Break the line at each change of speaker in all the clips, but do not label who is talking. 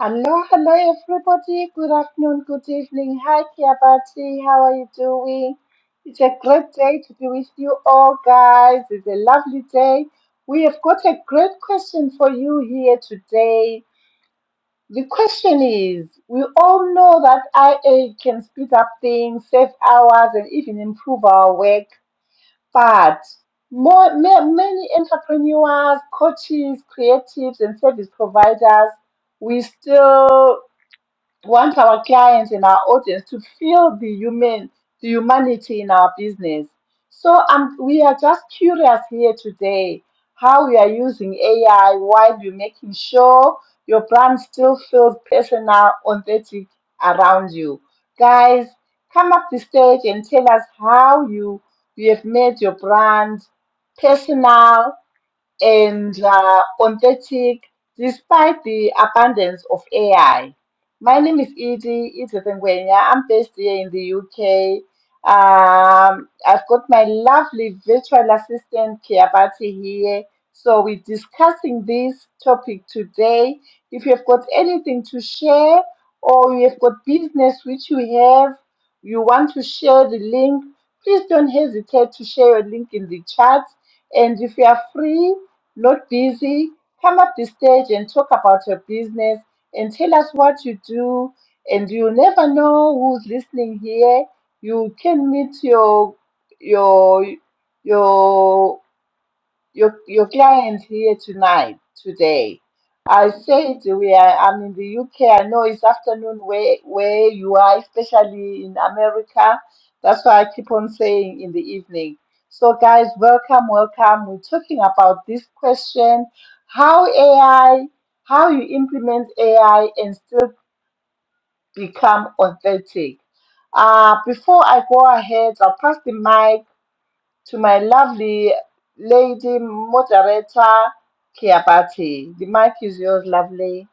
Hello, hello everybody. Good afternoon, good evening. Hi, Kiabati. How are you doing? It's a great day to be with you all, guys. It's a lovely day. We have got a great question for you here today. The question is We all know that IA can speed up things, save hours, and even improve our work, but more, ma- many entrepreneurs, coaches, creatives, and service providers we still want our clients and our audience to feel the human the humanity in our business so um, we are just curious here today how we are using ai while you're making sure your brand still feels personal authentic around you guys come up the stage and tell us how you you have made your brand personal and uh, authentic despite the abundance of AI. My name is Edie, Edith Ngwenya. I'm based here in the UK. Um, I've got my lovely virtual assistant Kiabati here. So we're discussing this topic today. If you've got anything to share or you've got business which you have, you want to share the link, please don't hesitate to share your link in the chat. And if you are free, Look busy, come up the stage and talk about your business and tell us what you do. And you never know who's listening here. You can meet your your your your your client here tonight today. I said we are. I'm in the UK. I know it's afternoon where where you are, especially in America. That's why I keep on saying in the evening. So guys, welcome, welcome. We're talking about this question: how AI, how you implement AI and still become authentic. Uh, before I go ahead, I'll pass the mic to my lovely lady moderator, Kiabati. The mic is yours, lovely.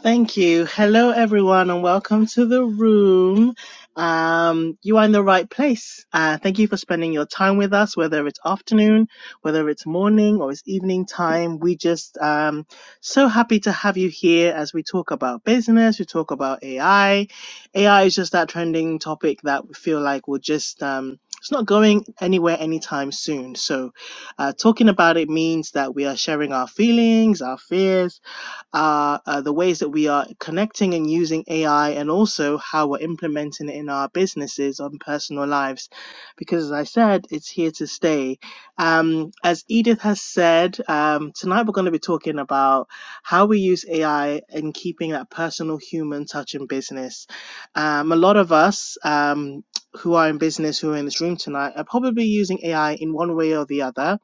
Thank you. Hello, everyone, and welcome to the room. Um, you are in the right place. Uh, thank you for spending your time with us, whether it's afternoon, whether it's morning, or it's evening time. We just um, so happy to have you here as we talk about business, we talk about AI. AI is just that trending topic that we feel like will just um, it's not going anywhere anytime soon. So, uh, talking about it means that we are sharing our feelings, our fears uh, uh, the ways that we are connecting and using AI, and also how we're implementing it in our businesses and personal lives. Because, as I said, it's here to stay. Um, as Edith has said, um, tonight we're going to be talking about how we use AI in keeping that personal human touch in business. Um, a lot of us um, who are in business, who are in this room tonight, are probably using AI in one way or the other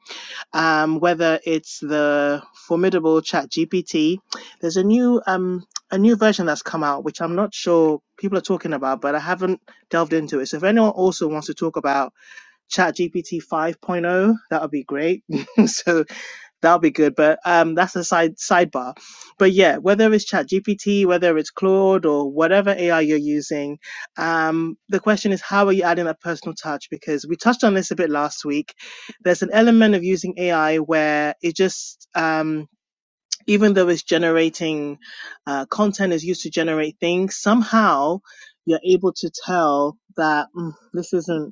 um, whether it's the formidable chat gpt there's a new um, a new version that's come out which i'm not sure people are talking about but i haven't delved into it so if anyone also wants to talk about chat gpt 5.0 that would be great so that'll be good. But um, that's a side sidebar. But yeah, whether it's ChatGPT, whether it's Claude or whatever AI you're using, um, the question is how are you adding that personal touch? Because we touched on this a bit last week. There's an element of using AI where it just um, even though it's generating uh, content is used to generate things, somehow you're able to tell that mm, this isn't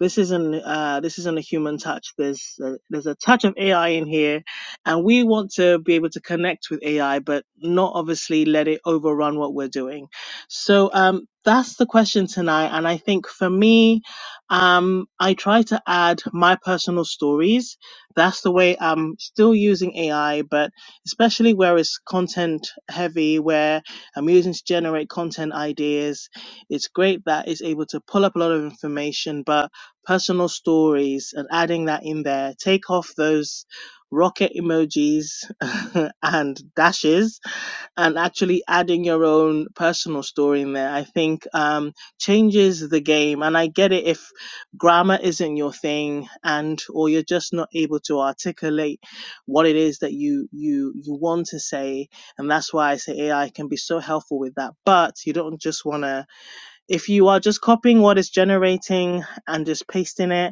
this isn't uh, this isn't a human touch. There's a, there's a touch of AI in here, and we want to be able to connect with AI, but not obviously let it overrun what we're doing. So um, that's the question tonight. And I think for me, um, I try to add my personal stories. That's the way I'm still using AI, but especially where it's content heavy, where I'm using to generate content ideas. It's great that it's able to pull up a lot of information, but personal stories and adding that in there. Take off those rocket emojis and dashes and actually adding your own personal story in there. I think um, changes the game. And I get it if grammar isn't your thing and or you're just not able to articulate what it is that you you you want to say. And that's why I say AI can be so helpful with that. But you don't just want to if you are just copying what it's generating and just pasting it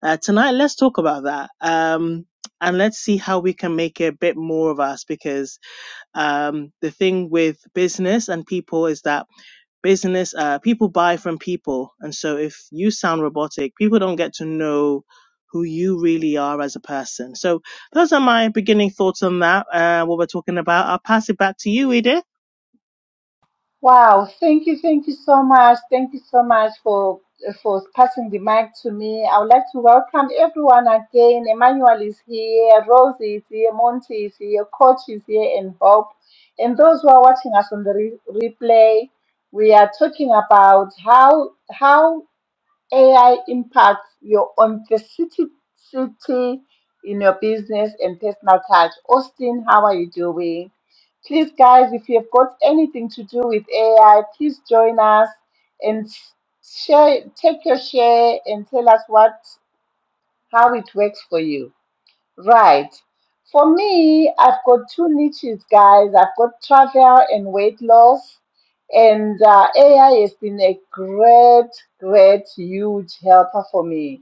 uh, tonight, let's talk about that. Um, and let's see how we can make it a bit more of us because um, the thing with business and people is that business, uh, people buy from people. And so if you sound robotic, people don't get to know who you really are as a person. So those are my beginning thoughts on that, uh, what we're talking about. I'll pass it back to you, Edith.
Wow, thank you, thank you so much. Thank you so much for for passing the mic to me. I would like to welcome everyone again. Emmanuel is here, Rose is here, Monty is here, Coach is here, and Hope. And those who are watching us on the re- replay, we are talking about how how AI impacts your authenticity in your business and personal touch. Austin, how are you doing? Please, guys, if you've got anything to do with AI, please join us and share, take your share and tell us what how it works for you. Right. For me, I've got two niches, guys. I've got travel and weight loss. And uh, AI has been a great, great, huge helper for me.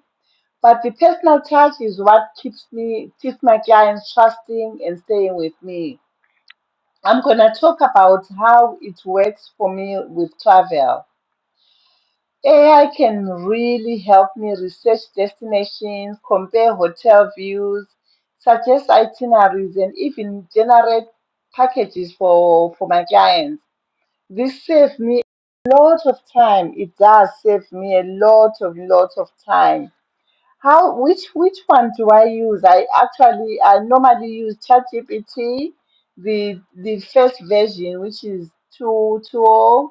But the personal touch is what keeps me, keeps my clients trusting and staying with me. I'm going to talk about how it works for me with travel. AI can really help me research destinations, compare hotel views, suggest itineraries, and even generate packages for, for my clients. This saves me a lot of time. It does save me a lot of lot of time. How which which one do I use? I actually I normally use ChatGPT, the the first version, which is two two oh.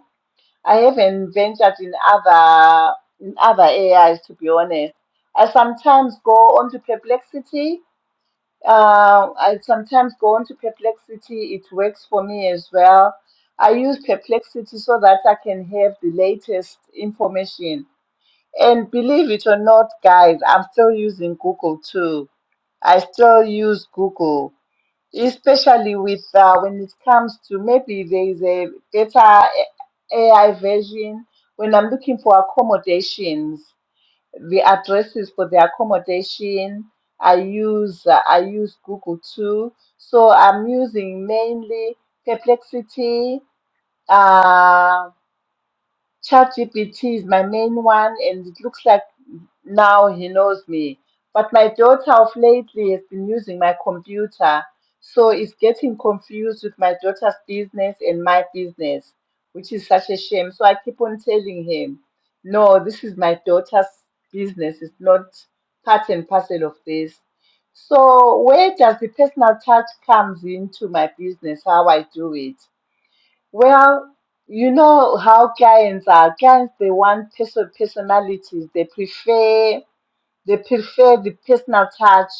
I haven't ventured in other in other AIs to be honest. I sometimes go on to Perplexity. Uh, I sometimes go on to Perplexity. It works for me as well. I use Perplexity so that I can have the latest information. And believe it or not, guys, I'm still using Google too. I still use Google especially with uh, when it comes to maybe there is a better AI version. When I'm looking for accommodations, the addresses for the accommodation, I use uh, I use Google too. So I'm using mainly Perplexity. Uh, ChatGPT is my main one, and it looks like now he knows me. But my daughter of lately has been using my computer, so it's getting confused with my daughter's business and my business, which is such a shame. So I keep on telling him, no, this is my daughter's business. It's not part and parcel of this. So where does the personal touch comes into my business, how I do it? Well, you know how clients are. Clients, they want person personalities. They prefer they prefer the personal touch.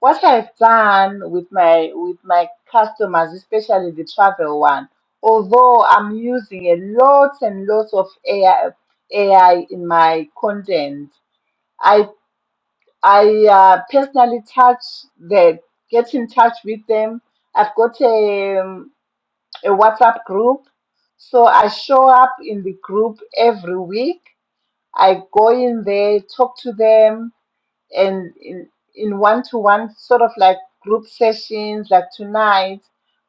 What I've done with my with my customers, especially the travel one, although I'm using a lot and lots of AI, AI in my content, I I uh, personally touch the get in touch with them. I've got a, um, a WhatsApp group, so I show up in the group every week. I go in there, talk to them, and in in one-to-one sort of like group sessions like tonight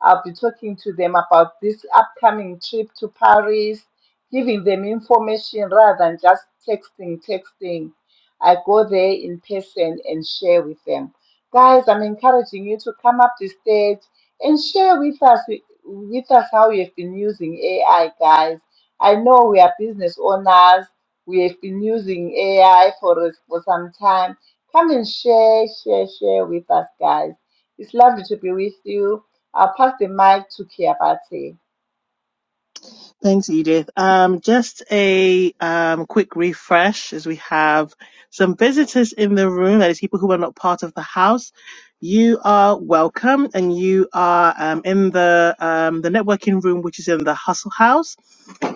i'll be talking to them about this upcoming trip to paris giving them information rather than just texting texting i go there in person and share with them guys i'm encouraging you to come up the stage and share with us with us how you've been using ai guys i know we are business owners we have been using ai for for some time Come and share, share, share with us, guys. It's lovely to be with you. I'll pass the mic to Kiabati.
Thanks, Edith. Um, just a um, quick refresh as we have some visitors in the room, that is, people who are not part of the house. You are welcome, and you are um, in the um, the networking room, which is in the Hustle House.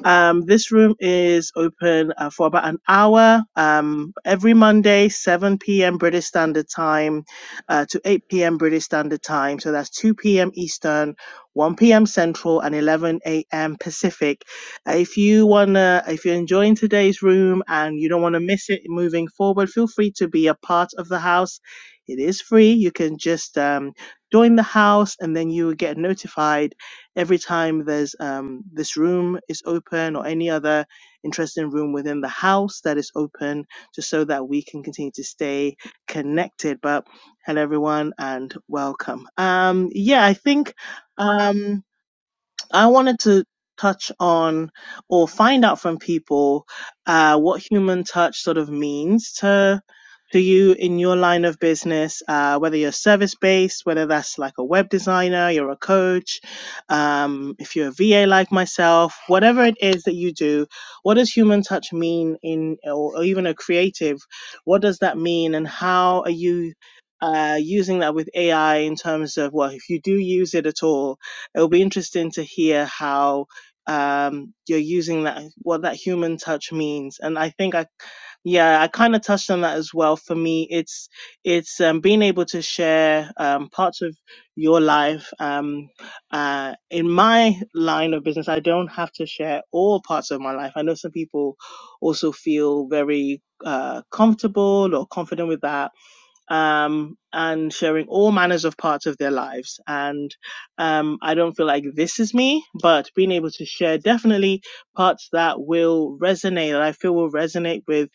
Um, this room is open uh, for about an hour um, every Monday, 7 p.m. British Standard Time uh, to 8 p.m. British Standard Time. So that's 2 p.m. Eastern, 1 p.m. Central, and 11 a.m. Pacific. Uh, if you wanna, if you're enjoying today's room and you don't want to miss it moving forward, feel free to be a part of the house. It is free. You can just um, join the house, and then you will get notified every time there's um, this room is open or any other interesting room within the house that is open, just so that we can continue to stay connected. But hello, everyone, and welcome. Um, yeah, I think. Um, I wanted to touch on or find out from people uh, what human touch sort of means to to you in your line of business, uh, whether you're service based, whether that's like a web designer, you're a coach, um, if you're a VA like myself, whatever it is that you do, what does human touch mean in, or, or even a creative, what does that mean, and how are you? Uh, using that with AI in terms of well, if you do use it at all, It'll be interesting to hear how um, you're using that, what that human touch means. And I think I, yeah, I kind of touched on that as well. For me, it's it's um, being able to share um, parts of your life. Um, uh, in my line of business, I don't have to share all parts of my life. I know some people also feel very uh, comfortable or confident with that um, and sharing all manners of parts of their lives. And um, I don't feel like this is me, but being able to share definitely parts that will resonate, that I feel will resonate with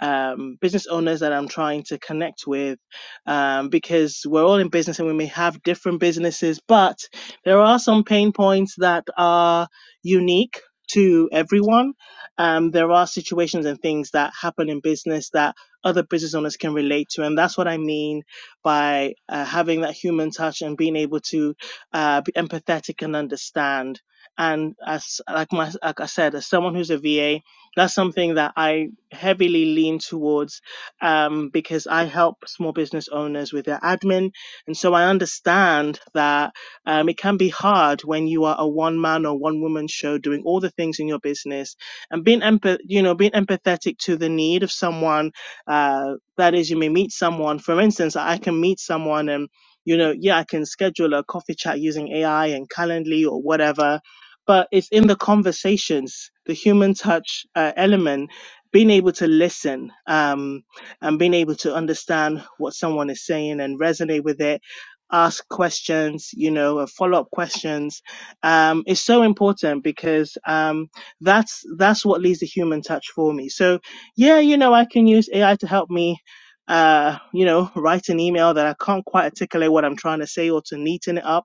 um, business owners that I'm trying to connect with, um, because we're all in business and we may have different businesses, but there are some pain points that are unique. To everyone, um, there are situations and things that happen in business that other business owners can relate to. And that's what I mean by uh, having that human touch and being able to uh, be empathetic and understand. And as like my like I said, as someone who's a VA, that's something that I heavily lean towards um, because I help small business owners with their admin, and so I understand that um, it can be hard when you are a one man or one woman show doing all the things in your business and being empath- you know being empathetic to the need of someone uh, that is, you may meet someone. For instance, I can meet someone and, you know, yeah, I can schedule a coffee chat using AI and Calendly or whatever. But it's in the conversations, the human touch uh, element, being able to listen um, and being able to understand what someone is saying and resonate with it, ask questions, you know, uh, follow up questions um, is so important because um, that's that's what leads to human touch for me. So yeah, you know, I can use AI to help me, uh, you know, write an email that I can't quite articulate what I'm trying to say or to neaten it up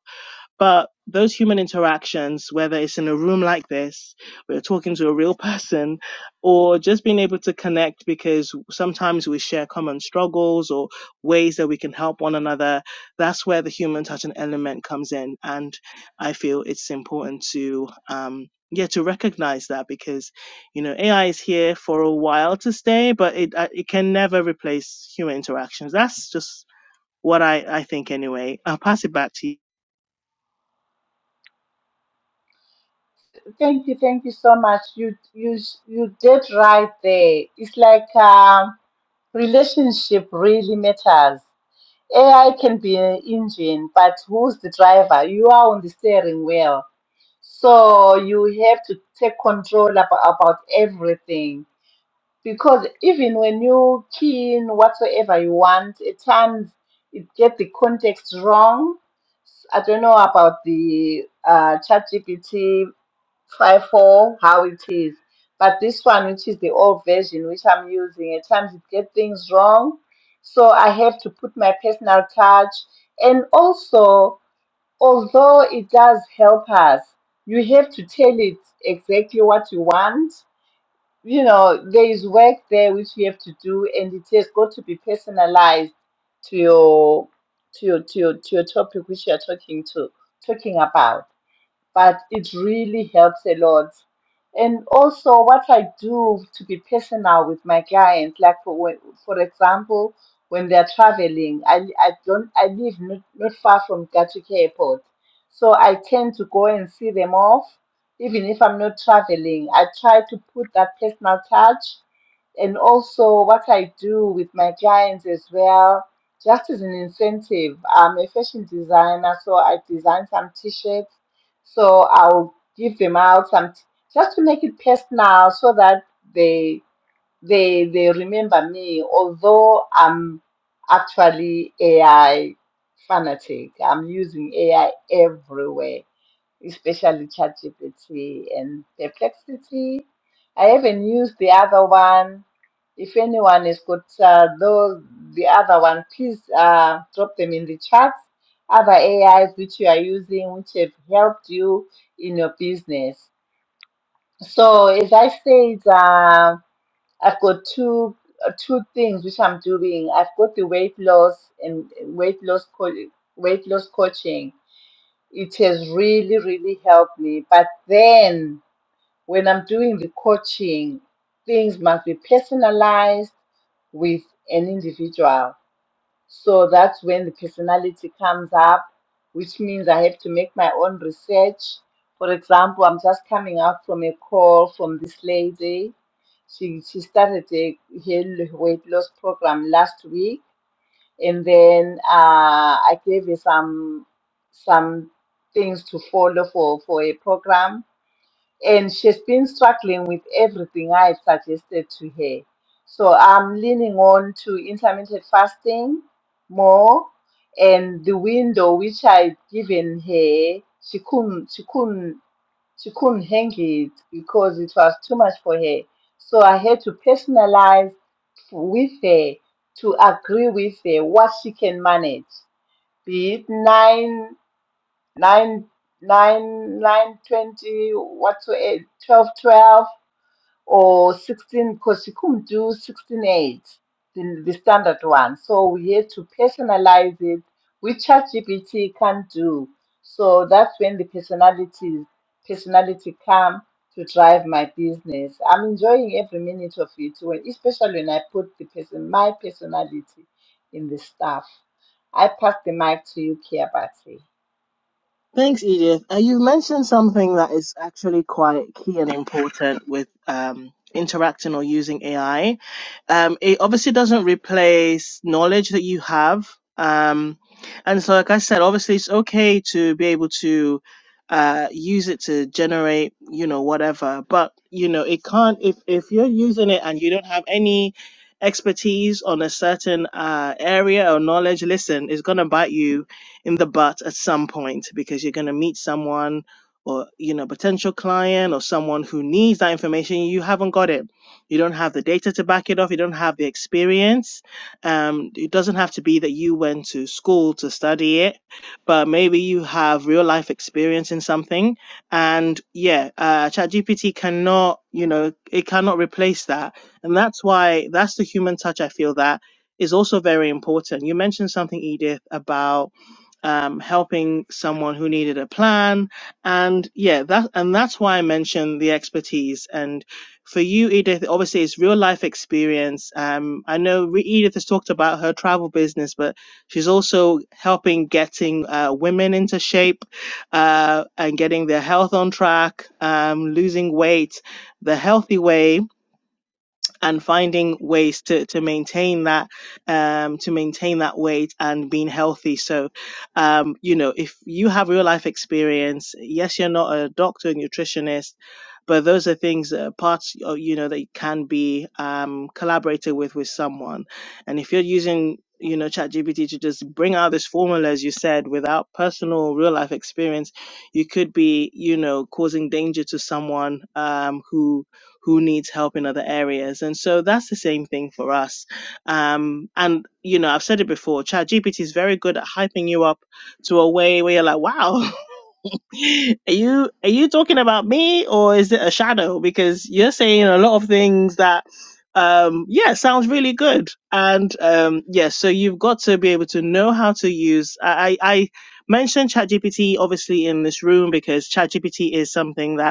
but those human interactions, whether it's in a room like this, we are talking to a real person, or just being able to connect because sometimes we share common struggles or ways that we can help one another, that's where the human touch and element comes in. And I feel it's important to, um, yeah, to recognize that because, you know, AI is here for a while to stay, but it, uh, it can never replace human interactions. That's just what I, I think anyway. I'll pass it back to you.
Thank you, thank you so much. You, you, you did right there. It's like um, relationship really matters. AI can be an engine, but who's the driver? You are on the steering wheel, so you have to take control about, about everything because even when you key in whatsoever you want, at times it gets the context wrong. I don't know about the uh, ChatGPT 5.4, how it is, but this one, which is the old version, which I'm using, at times it gets things wrong. So I have to put my personal touch. And also, although it does help us, you have to tell it exactly what you want you know, there is work there which you have to do, and it has got to be personalized to your to your to your to your topic which you are talking to talking about but it really helps a lot. And also, what I do to be personal with my clients, like for when, for example, when they're traveling, I, I don't I live not, not far from Gatwick Airport, so I tend to go and see them off, even if I'm not traveling. I try to put that personal touch and also what I do with my clients as well, just as an incentive. I'm a fashion designer, so I design some t-shirts so I'll give them out some just to make it personal so that they they they remember me, although I'm actually AI fanatic. I'm using AI everywhere especially ChatGPT and Perplexity. I haven't used the other one. If anyone has got uh, those, the other one, please uh, drop them in the chat. Other AIs which you are using, which have helped you in your business. So as I said, uh, I've got two uh, two things which I'm doing. I've got the weight loss and weight loss co- weight loss coaching it has really, really helped me. But then when I'm doing the coaching, things must be personalized with an individual. So that's when the personality comes up, which means I have to make my own research. For example, I'm just coming up from a call from this lady. She, she started a, her weight loss program last week and then uh, I gave her some some things to follow for for a program. And she's been struggling with everything I've suggested to her. So I'm leaning on to intermittent fasting more, and the window which I'd given her, she couldn't she couldn't she couldn't hang it because it was too much for her. So I had to personalize with her to agree with her what she can manage, be it nine, nine, nine, nine twenty, what whatsoever, eight, twelve, twelve or 16 because you couldn't do sixteen eight, the, the standard one. So we had to personalize it, which ChatGPT can't do. So that's when the personality personality come to drive my business. I'm enjoying every minute of it, when, especially when I put the person my personality in the stuff. I pass the mic to you, Kiabati.
Thanks, Edith. Uh, you mentioned something that is actually quite key and important with um, interacting or using AI. Um, it obviously doesn't replace knowledge that you have. Um, and so, like I said, obviously it's okay to be able to uh, use it to generate, you know, whatever. But you know, it can't if if you're using it and you don't have any expertise on a certain uh, area or knowledge. Listen, it's gonna bite you in the butt at some point because you're going to meet someone or you know potential client or someone who needs that information you haven't got it you don't have the data to back it off you don't have the experience um, it doesn't have to be that you went to school to study it but maybe you have real life experience in something and yeah uh, chat cannot you know it cannot replace that and that's why that's the human touch i feel that is also very important you mentioned something edith about um, helping someone who needed a plan. And yeah, that, and that's why I mentioned the expertise. And for you, Edith, obviously it's real life experience. Um, I know Re- Edith has talked about her travel business, but she's also helping getting uh, women into shape uh, and getting their health on track, um, losing weight the healthy way and finding ways to to maintain that um to maintain that weight and being healthy so um you know if you have real life experience yes you're not a doctor nutritionist but those are things that parts uh, you know that you can be um collaborated with with someone and if you're using you know ChatGPT to just bring out this formula as you said without personal real life experience you could be you know causing danger to someone um who who needs help in other areas. And so that's the same thing for us. Um, and, you know, I've said it before, ChatGPT is very good at hyping you up to a way where you're like, wow, are you, are you talking about me or is it a shadow? Because you're saying a lot of things that, um, yeah, sounds really good. And, um, yeah, so you've got to be able to know how to use, I, I I mentioned ChatGPT obviously in this room because ChatGPT is something that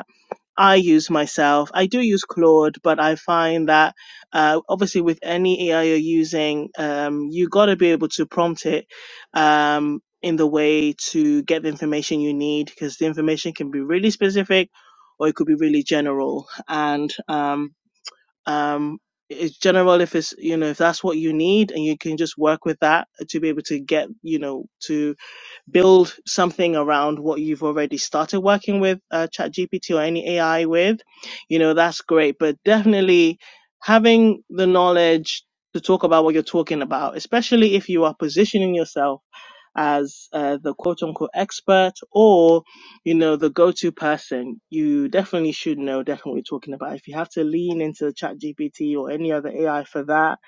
I use myself. I do use Claude, but I find that uh, obviously with any AI you're using, um, you got to be able to prompt it um, in the way to get the information you need because the information can be really specific or it could be really general. And um, um, it's general if it's you know if that's what you need and you can just work with that to be able to get you know to build something around what you've already started working with uh, ChatGPT or any AI with, you know, that's great. But definitely having the knowledge to talk about what you're talking about, especially if you are positioning yourself as uh, the quote unquote expert or, you know, the go to person, you definitely should know definitely what you're talking about. If you have to lean into ChatGPT or any other AI for that,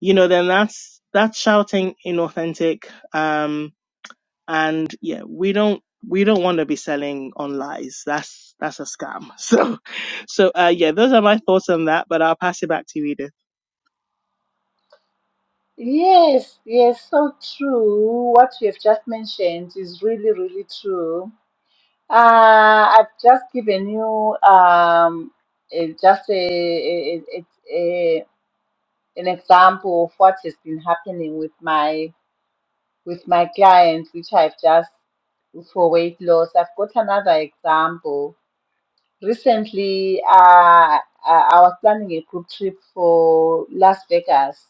you know, then that's, that's shouting inauthentic. Um, and yeah we don't we don't want to be selling on lies that's that's a scam so so uh yeah those are my thoughts on that but i'll pass it back to you edith
Yes, yes, so true. What you have just mentioned is really, really true Uh, I've just given you um, eh, just a, a, a, a, an example of what has been happening with my with my clients, which I've just for weight loss. I've got another example. Recently, uh, I I was planning a group trip for Las Vegas.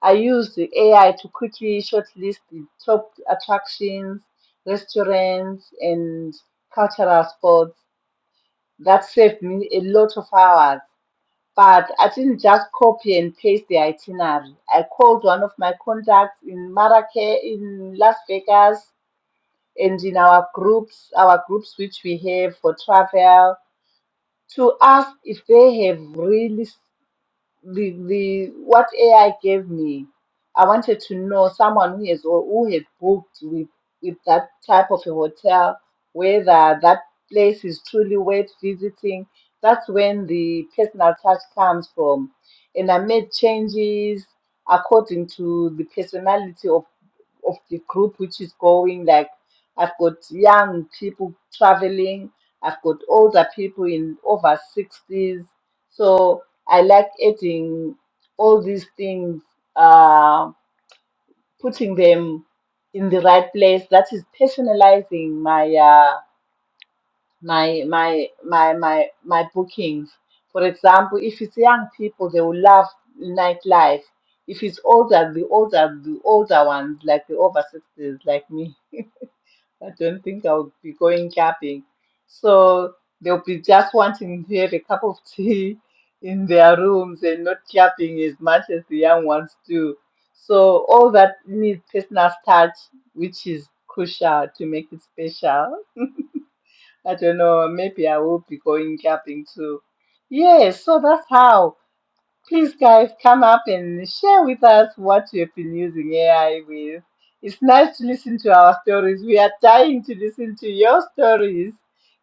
I used the AI to quickly shortlist the top attractions, restaurants, and cultural spots. That saved me a lot of hours. But I didn't just copy and paste the itinerary. I called one of my contacts in Marrakech, in Las Vegas, and in our groups, our groups which we have for travel, to ask if they have really the the what AI gave me, I wanted to know someone who has or who had booked with with that type of a hotel, whether that place is truly worth visiting. That's when the personal touch comes from, and I made changes according to the personality of of the group which is going. Like I've got young people traveling, I've got older people in over sixties, so. I like eating all these things, uh, putting them in the right place. That is personalizing my uh, my my my my my bookings. For example, if it's young people, they will love nightlife. If it's older, the older the older ones, like the over sixties, like me I don't think I'll be going camping. So they'll be just wanting to have a cup of tea in their rooms and not camping as much as the young ones do. So all that needs personal touch, which is crucial to make it special. I don't know, maybe I will be going camping too. Yes, so that's how. Please, guys, come up and share with us what you have been using AI with. It's nice to listen to our stories. We are dying to listen to your stories.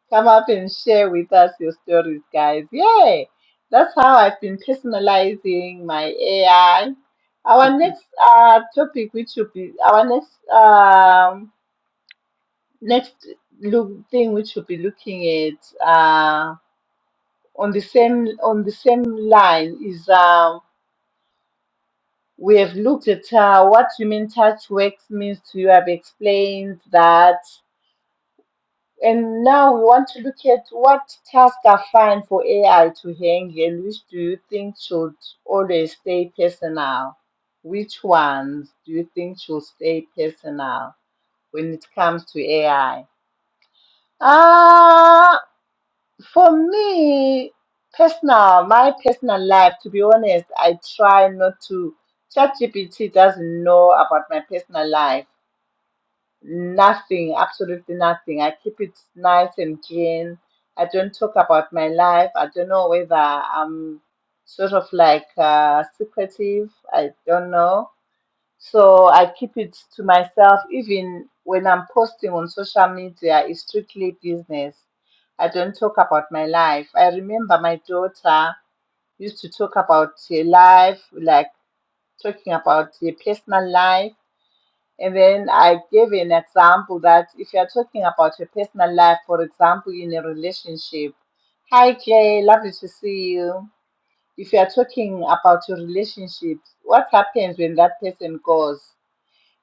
Come up and share with us your stories, guys. Yay! That's how I've been personalizing my AI. Our next uh, topic, which should be our next um, next look thing, which should be looking at uh, on the same on the same line, is um, We have looked at uh, what human touch works means to you. I've explained that. And now we want to look at what tasks are fine for AI to handle and which do you think should always stay personal? Which ones do you think should stay personal when it comes to AI? Ah. For me, personal, my personal life, to be honest, I try not to. ChatGPT doesn't know about my personal life. Nothing, absolutely nothing. I keep it nice and clean. I don't talk about my life. I don't know whether I'm sort of like uh, secretive. I don't know so I keep it to myself. Even when I'm posting on social media, it's strictly business. I don't talk about my life. I remember my daughter used to talk about her life, like talking about her personal life. And then I gave an example that if you're talking about your personal life, for example, in a relationship, hi Clay, lovely to see you. If you're talking about your relationships, what happens when that person goes?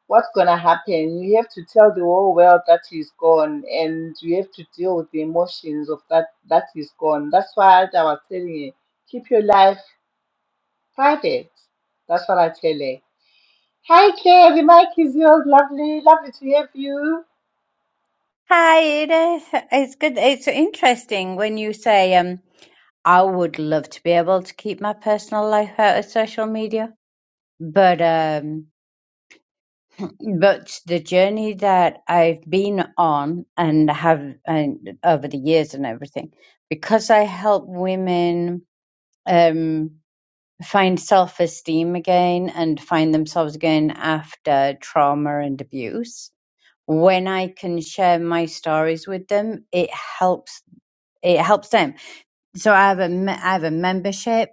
what's going to happen? You have to tell the whole world that he's gone, and you have to deal with the emotions of that that he's gone. That's why I was telling you, keep your life private. That's what I tell her. Hi, Kay, the mic is yours. Lovely, lovely to have you.
Hi, it is, it's good. It's interesting when you say, um, I would love to be able to keep my personal life out of social media, but um, but the journey that I've been on and have and over the years and everything, because I help women um, find self-esteem again and find themselves again after trauma and abuse. When I can share my stories with them, it helps it helps them. So I have a me- I have a membership,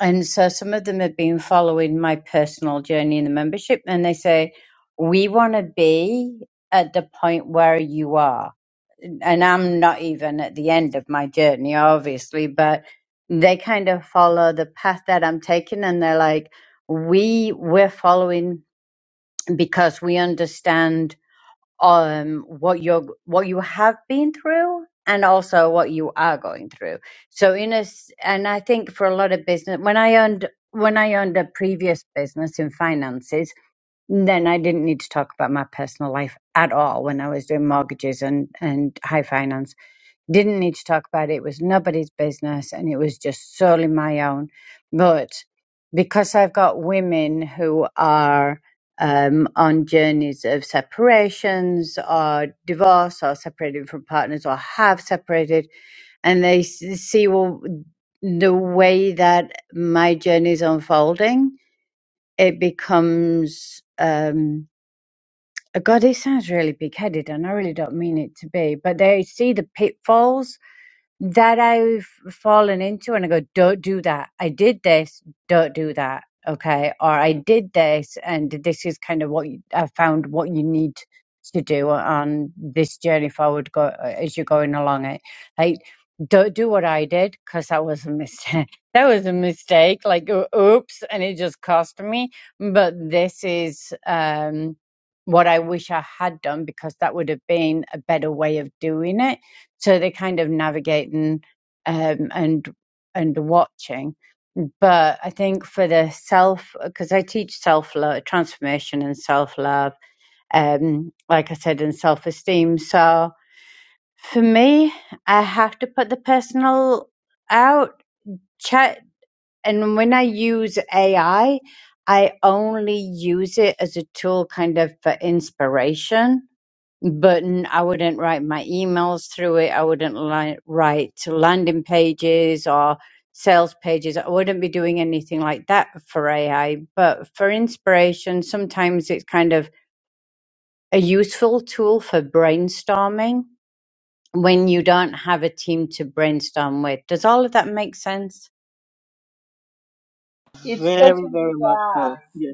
and so some of them have been following my personal journey in the membership, and they say we want to be at the point where you are, and I'm not even at the end of my journey, obviously, but they kind of follow the path that I'm taking, and they're like, we we're following because we understand um what you're what you have been through and also what you are going through so in a s- and i think for a lot of business when i owned when i owned a previous business in finances then i didn't need to talk about my personal life at all when i was doing mortgages and and high finance didn't need to talk about it. It was nobody's business and it was just solely my own. But because I've got women who are um, on journeys of separations or divorce or separated from partners or have separated, and they s- see well, the way that my journey is unfolding, it becomes. Um, God, it sounds really big headed, and I really don't mean it to be, but they see the pitfalls that I've fallen into and I go, don't do that. I did this, don't do that. Okay. Or I did this and this is kind of what you, I found what you need to do on this journey forward go, uh, as you're going along it. Like, don't do what I did because that was a mistake. that was a mistake. Like, o- oops. And it just cost me. But this is, um, what I wish I had done because that would have been a better way of doing it so they're kind of navigating um, and and watching. But I think for the self, because I teach self love, transformation, and self love, um, like I said, and self esteem. So for me, I have to put the personal out chat, and when I use AI, I I only use it as a tool, kind of for inspiration button. I wouldn't write my emails through it. I wouldn't li- write landing pages or sales pages. I wouldn't be doing anything like that for AI. But for inspiration, sometimes it's kind of a useful tool for brainstorming when you don't have a team to brainstorm with. Does all of that make sense?
It
very
certainly
very much so
does.
Yeah.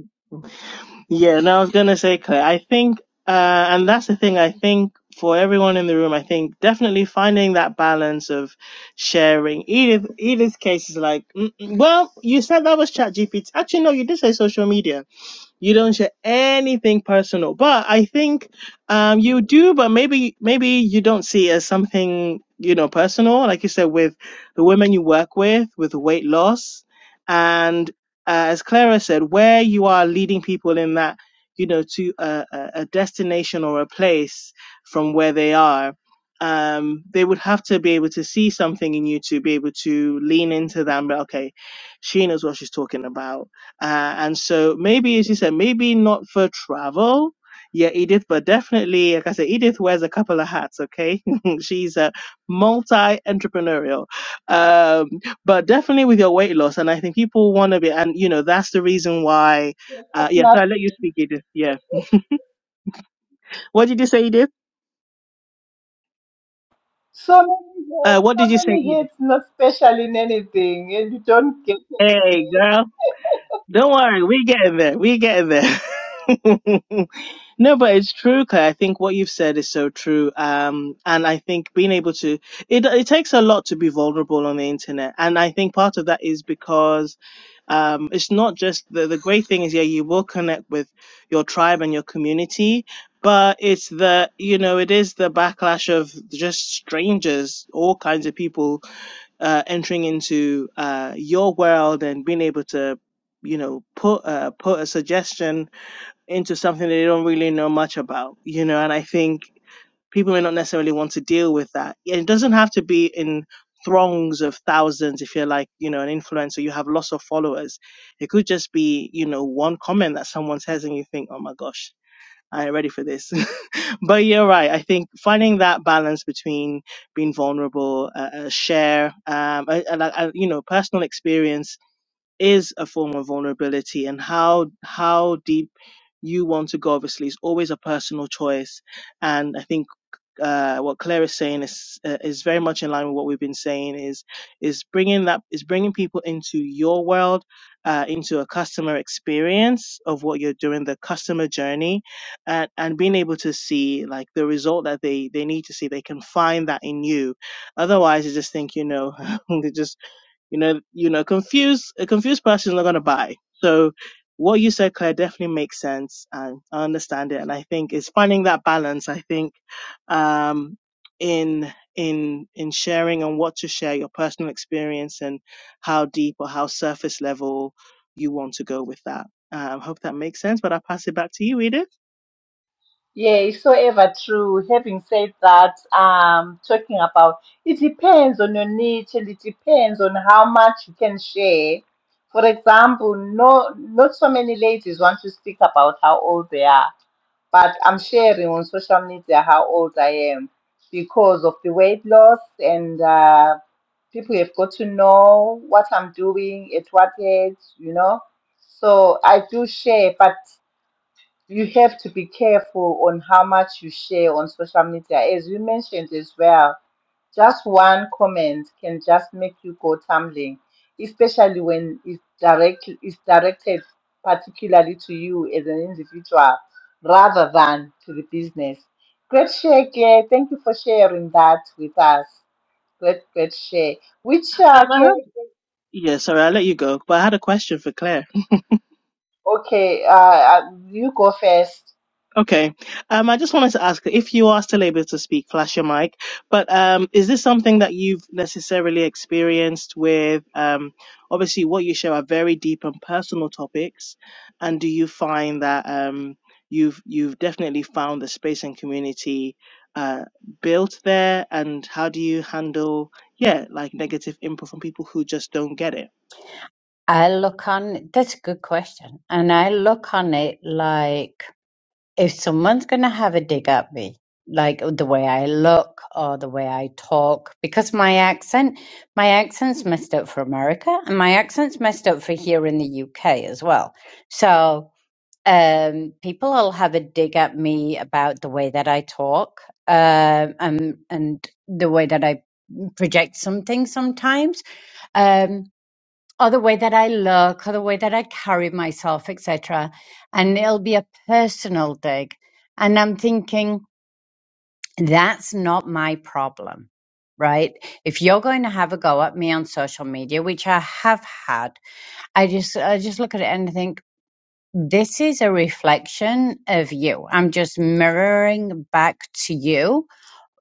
Yeah, and I was gonna say, Claire, I think, uh, and that's the thing. I think for everyone in the room, I think definitely finding that balance of sharing. Edith, Edith's case is like, mm, mm, well, you said that was Chat GPT. Actually, no, you did say social media. You don't share anything personal, but I think um, you do. But maybe maybe you don't see it as something you know personal, like you said, with the women you work with, with the weight loss, and uh, as Clara said, where you are leading people in that you know to a, a a destination or a place from where they are. Um, they would have to be able to see something in you to be able to lean into that and be okay, she knows what she's talking about uh, and so maybe, as you said, maybe not for travel. Yeah, Edith, but definitely, like I said, Edith wears a couple of hats, okay? She's a multi entrepreneurial. Um, but definitely with your weight loss. And I think people want to be, and you know, that's the reason why.
There's
Uh, yeah, so I let you
nothing.
speak, Edith. Yeah. What did you say, Edith?
So many
Uh,
hits,
what
so
did you say,
many
Edith?
hits, not special in anything, and you don't get
Hey,
anywhere.
girl. Don't worry, we getting there. We getting there. no, but it's true, Claire. I think what you've said is so true. Um, and I think being able to, it, it takes a lot to be vulnerable on the internet. And I think part of that is because, um, it's not just the, the great thing is, yeah, you will connect with your tribe and your community. But it's the, you know, it is the backlash of just strangers, all kinds of people uh, entering into uh, your world and being able to, you know, put uh, put a suggestion into something that they don't really know much about, you know. And I think people may not necessarily want to deal with that. And it doesn't have to be in throngs of thousands. If you're like, you know, an influencer, you have lots of followers. It could just be, you know, one comment that someone says and you think, oh my gosh I ain't ready for this. but you're right. I think finding that balance between being vulnerable, uh, uh, share, um, uh, uh, like, uh, you know, personal experience is a form of vulnerability, and how how deep you want to go obviously is always a personal choice. And I think uh, what Claire is saying is uh, is very much in line with what we've been saying. Is is bringing that is bringing people into your world, uh, into a customer experience of what you're doing, the customer journey, and and being able to see like the result that they they need to see. They can find that in you. Otherwise, you just think you know, they just you know, you know, confused a confused person is not gonna buy. So what you said, Claire, definitely makes sense, and I understand it. And I think it's finding that balance. I think um, in in in sharing and what to share your personal experience and how deep or how surface level you want to go with that. Um, hope that makes sense, but I'll pass it back to you, Edith.
Yeah, it's so ever true. Having said that, um, talking about it depends on your niche and it depends on how much you can share. For example, no, not so many ladies want to speak about how old they are, but I'm sharing on social media how old I am because of the weight loss and uh, people have got to know what I'm doing at what age, you know. So I do share, but you have to be careful on how much you share on social media. As you mentioned as well, just one comment can just make you go tumbling, especially when it's direct it's directed particularly to you as an individual rather than to the business. Great share, Claire. Thank you for sharing that with us. Great, great share. Which,
Um,
uh,
I
Claire,
had, yeah, sorry, I'll let you go, but I had a question for Claire.
okay, uh, uh, you go first.
Okay. Um, I just wanted to ask if you are still able to speak, flash your mic. But um, is this something that you've necessarily experienced with? Um, obviously, what you share are very deep and personal topics, and do you find that um, you've you've definitely found the space and community uh, built there? And how do you handle yeah, like negative input from people who just don't get it?
I look on, that's a good question. And I look on it like, if someone's going to have a dig at me, like the way I look or the way I talk, because my accent, my accent's messed up for America and my accent's messed up for here in the UK as well. So, um, people will have a dig at me about the way that I talk, um, and, and the way that I project something sometimes. Um, or the way that I look, or the way that I carry myself, etc. And it'll be a personal dig. And I'm thinking, that's not my problem, right? If you're going to have a go at me on social media, which I have had, I just I just look at it and think, this is a reflection of you. I'm just mirroring back to you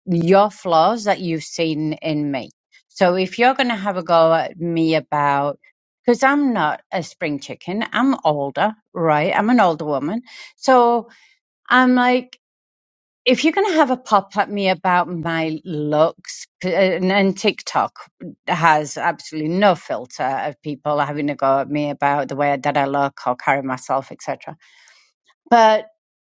your flaws that you've seen in me. So if you're going to have a go at me about, because I'm not a spring chicken, I'm older, right? I'm an older woman. So I'm like, if you're going to have a pop at me about my looks, and, and TikTok has absolutely no filter of people having a go at me about the way that I look or carry myself, etc but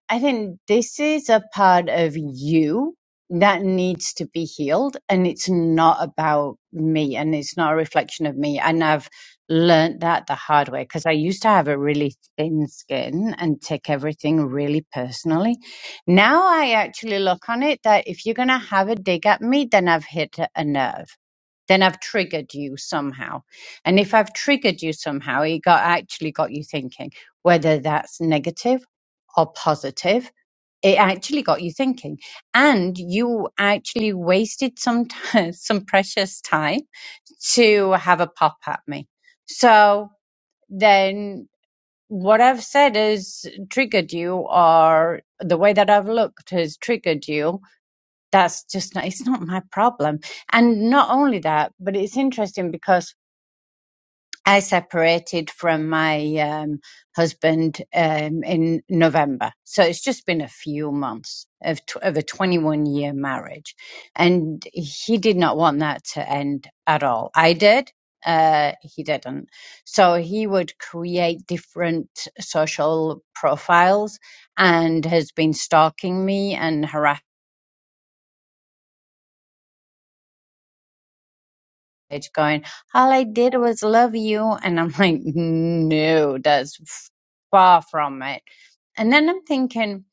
I think this is a part of you that needs to be healed. And it's not about me and it's not a reflection of me. And I've learned that the hard way because I used to have a really thin skin and take everything really personally. Now I actually look on it that if you're going to have a dig at me, then I've hit a nerve then I've triggered you somehow. And if I've triggered you somehow, it got actually got you thinking, whether that's negative or positive, it actually got you thinking. And you actually wasted some time, some precious time to have a pop at me. So then what I've said has triggered you or the way that I've looked has triggered you that's just not it's not my problem and not only that but it's interesting because i separated from my um, husband um, in november so it's just been a few months of, tw- of a 21 year marriage and he did not want that to end at all i did uh, he didn't. So he would create different social profiles and has been stalking me and harassing message going, All I did was love you. And I'm like, No, that's f- far from it. And then I'm thinking,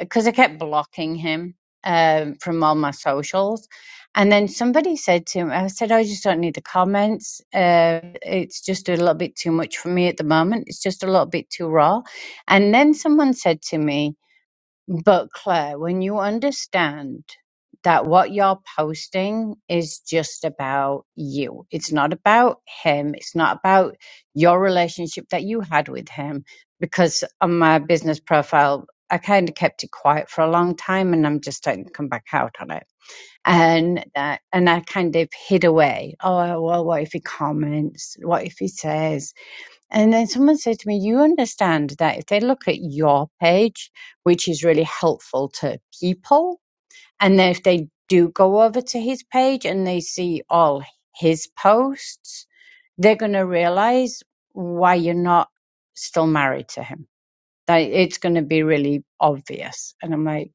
because I kept blocking him um, from all my socials. And then somebody said to him, I said, I just don't need the comments. Uh, it's just a little bit too much for me at the moment. It's just a little bit too raw. And then someone said to me, but Claire, when you understand that what you're posting is just about you, it's not about him, it's not about your relationship that you had with him. Because on my business profile, I kind of kept it quiet for a long time and I'm just starting to come back out on it. And uh, and I kind of hid away. Oh well, what if he comments? What if he says? And then someone said to me, You understand that if they look at your page, which is really helpful to people, and then if they do go over to his page and they see all his posts, they're going to realize why you're not still married to him. That it's going to be really obvious. And I'm like,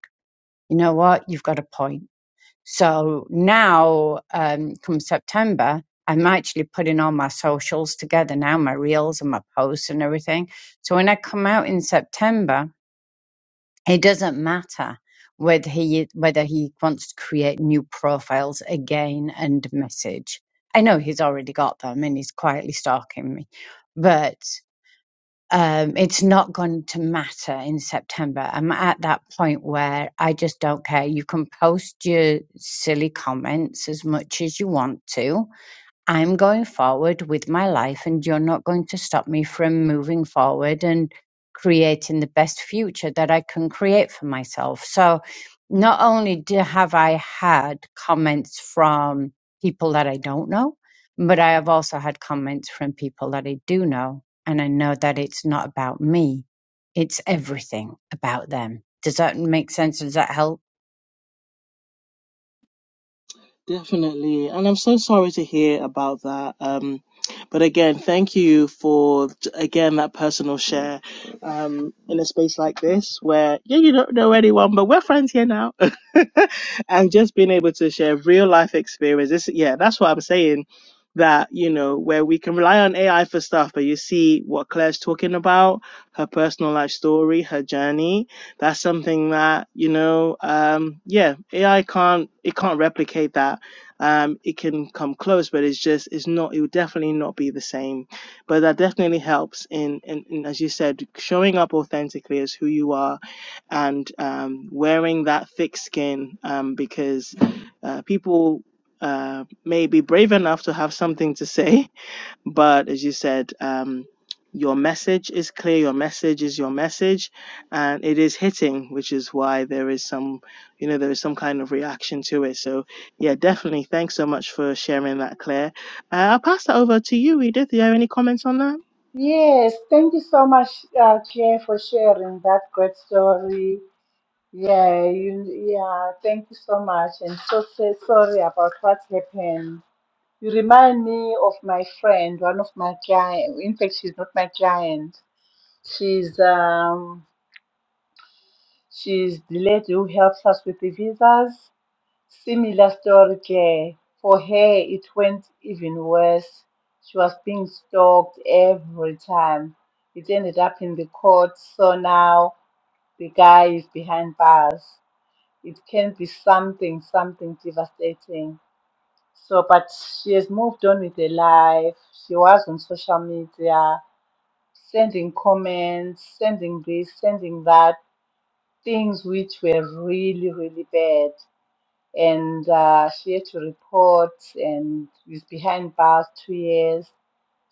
You know what? You've got a point so now, um, come September, I'm actually putting all my socials together now, my reels and my posts and everything. So when I come out in September, it doesn't matter whether he whether he wants to create new profiles again and message. I know he's already got them and he's quietly stalking me, but um, it's not going to matter in September. I'm at that point where I just don't care. You can post your silly comments as much as you want to. I'm going forward with my life, and you're not going to stop me from moving forward and creating the best future that I can create for myself. So, not only do, have I had comments from people that I don't know, but I have also had comments from people that I do know. And I know that it's not about me, it's everything about them. Does that make sense? Does that help?
Definitely. And I'm so sorry to hear about that. Um, but again, thank you for, again, that personal share um, in a space like this where, yeah, you don't know anyone, but we're friends here now. and just being able to share real life experiences, yeah, that's what I'm saying. That, you know, where we can rely on AI for stuff, but you see what Claire's talking about, her personal life story, her journey that's something that you know um yeah ai can't it can't replicate that um it can come close but it's just it's not it would definitely not be the same but that definitely helps in, in, in as you said showing up authentically as who you are and um wearing that thick skin um because uh, people uh, may be brave enough to have something to say but as you said, um, your message is clear, your message is your message, and it is hitting, which is why there is some, you know, there is some kind of reaction to it. So, yeah, definitely. Thanks so much for sharing that, Claire. Uh, I'll pass that over to you, Edith. Do you have any comments on that?
Yes, thank you so much, uh, Jay, for sharing that great story. Yeah, you, yeah, thank you so much. And so say sorry about what happened. You remind me of my friend, one of my client. In fact, she's not my client. She's um, she's the lady who helps us with the visas. Similar story, Claire. For her, it went even worse. She was being stalked every time. It ended up in the court, so now the guy is behind bars. It can be something, something devastating. So, but she has moved on with her life. She was on social media, sending comments, sending this, sending that, things which were really, really bad and uh, she had to report and was behind bars two years.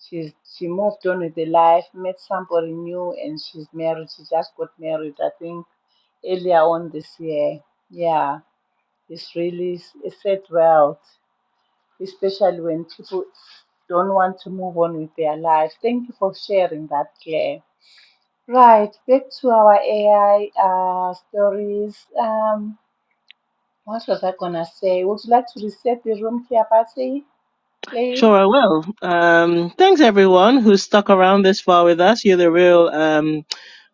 She's she moved on with her life, met somebody new, and she's married. She just got married, I think, earlier on this year. Yeah, it's really a sad world, especially when people don't want to move on with their life. Thank you for sharing that, Claire. Right, back to our AI uh, stories. Um, what was I gonna say? Would you like to reset the room, Kiapati, please?
Sure, I will. Um, thanks everyone who's stuck around this far with us. You're the real, um,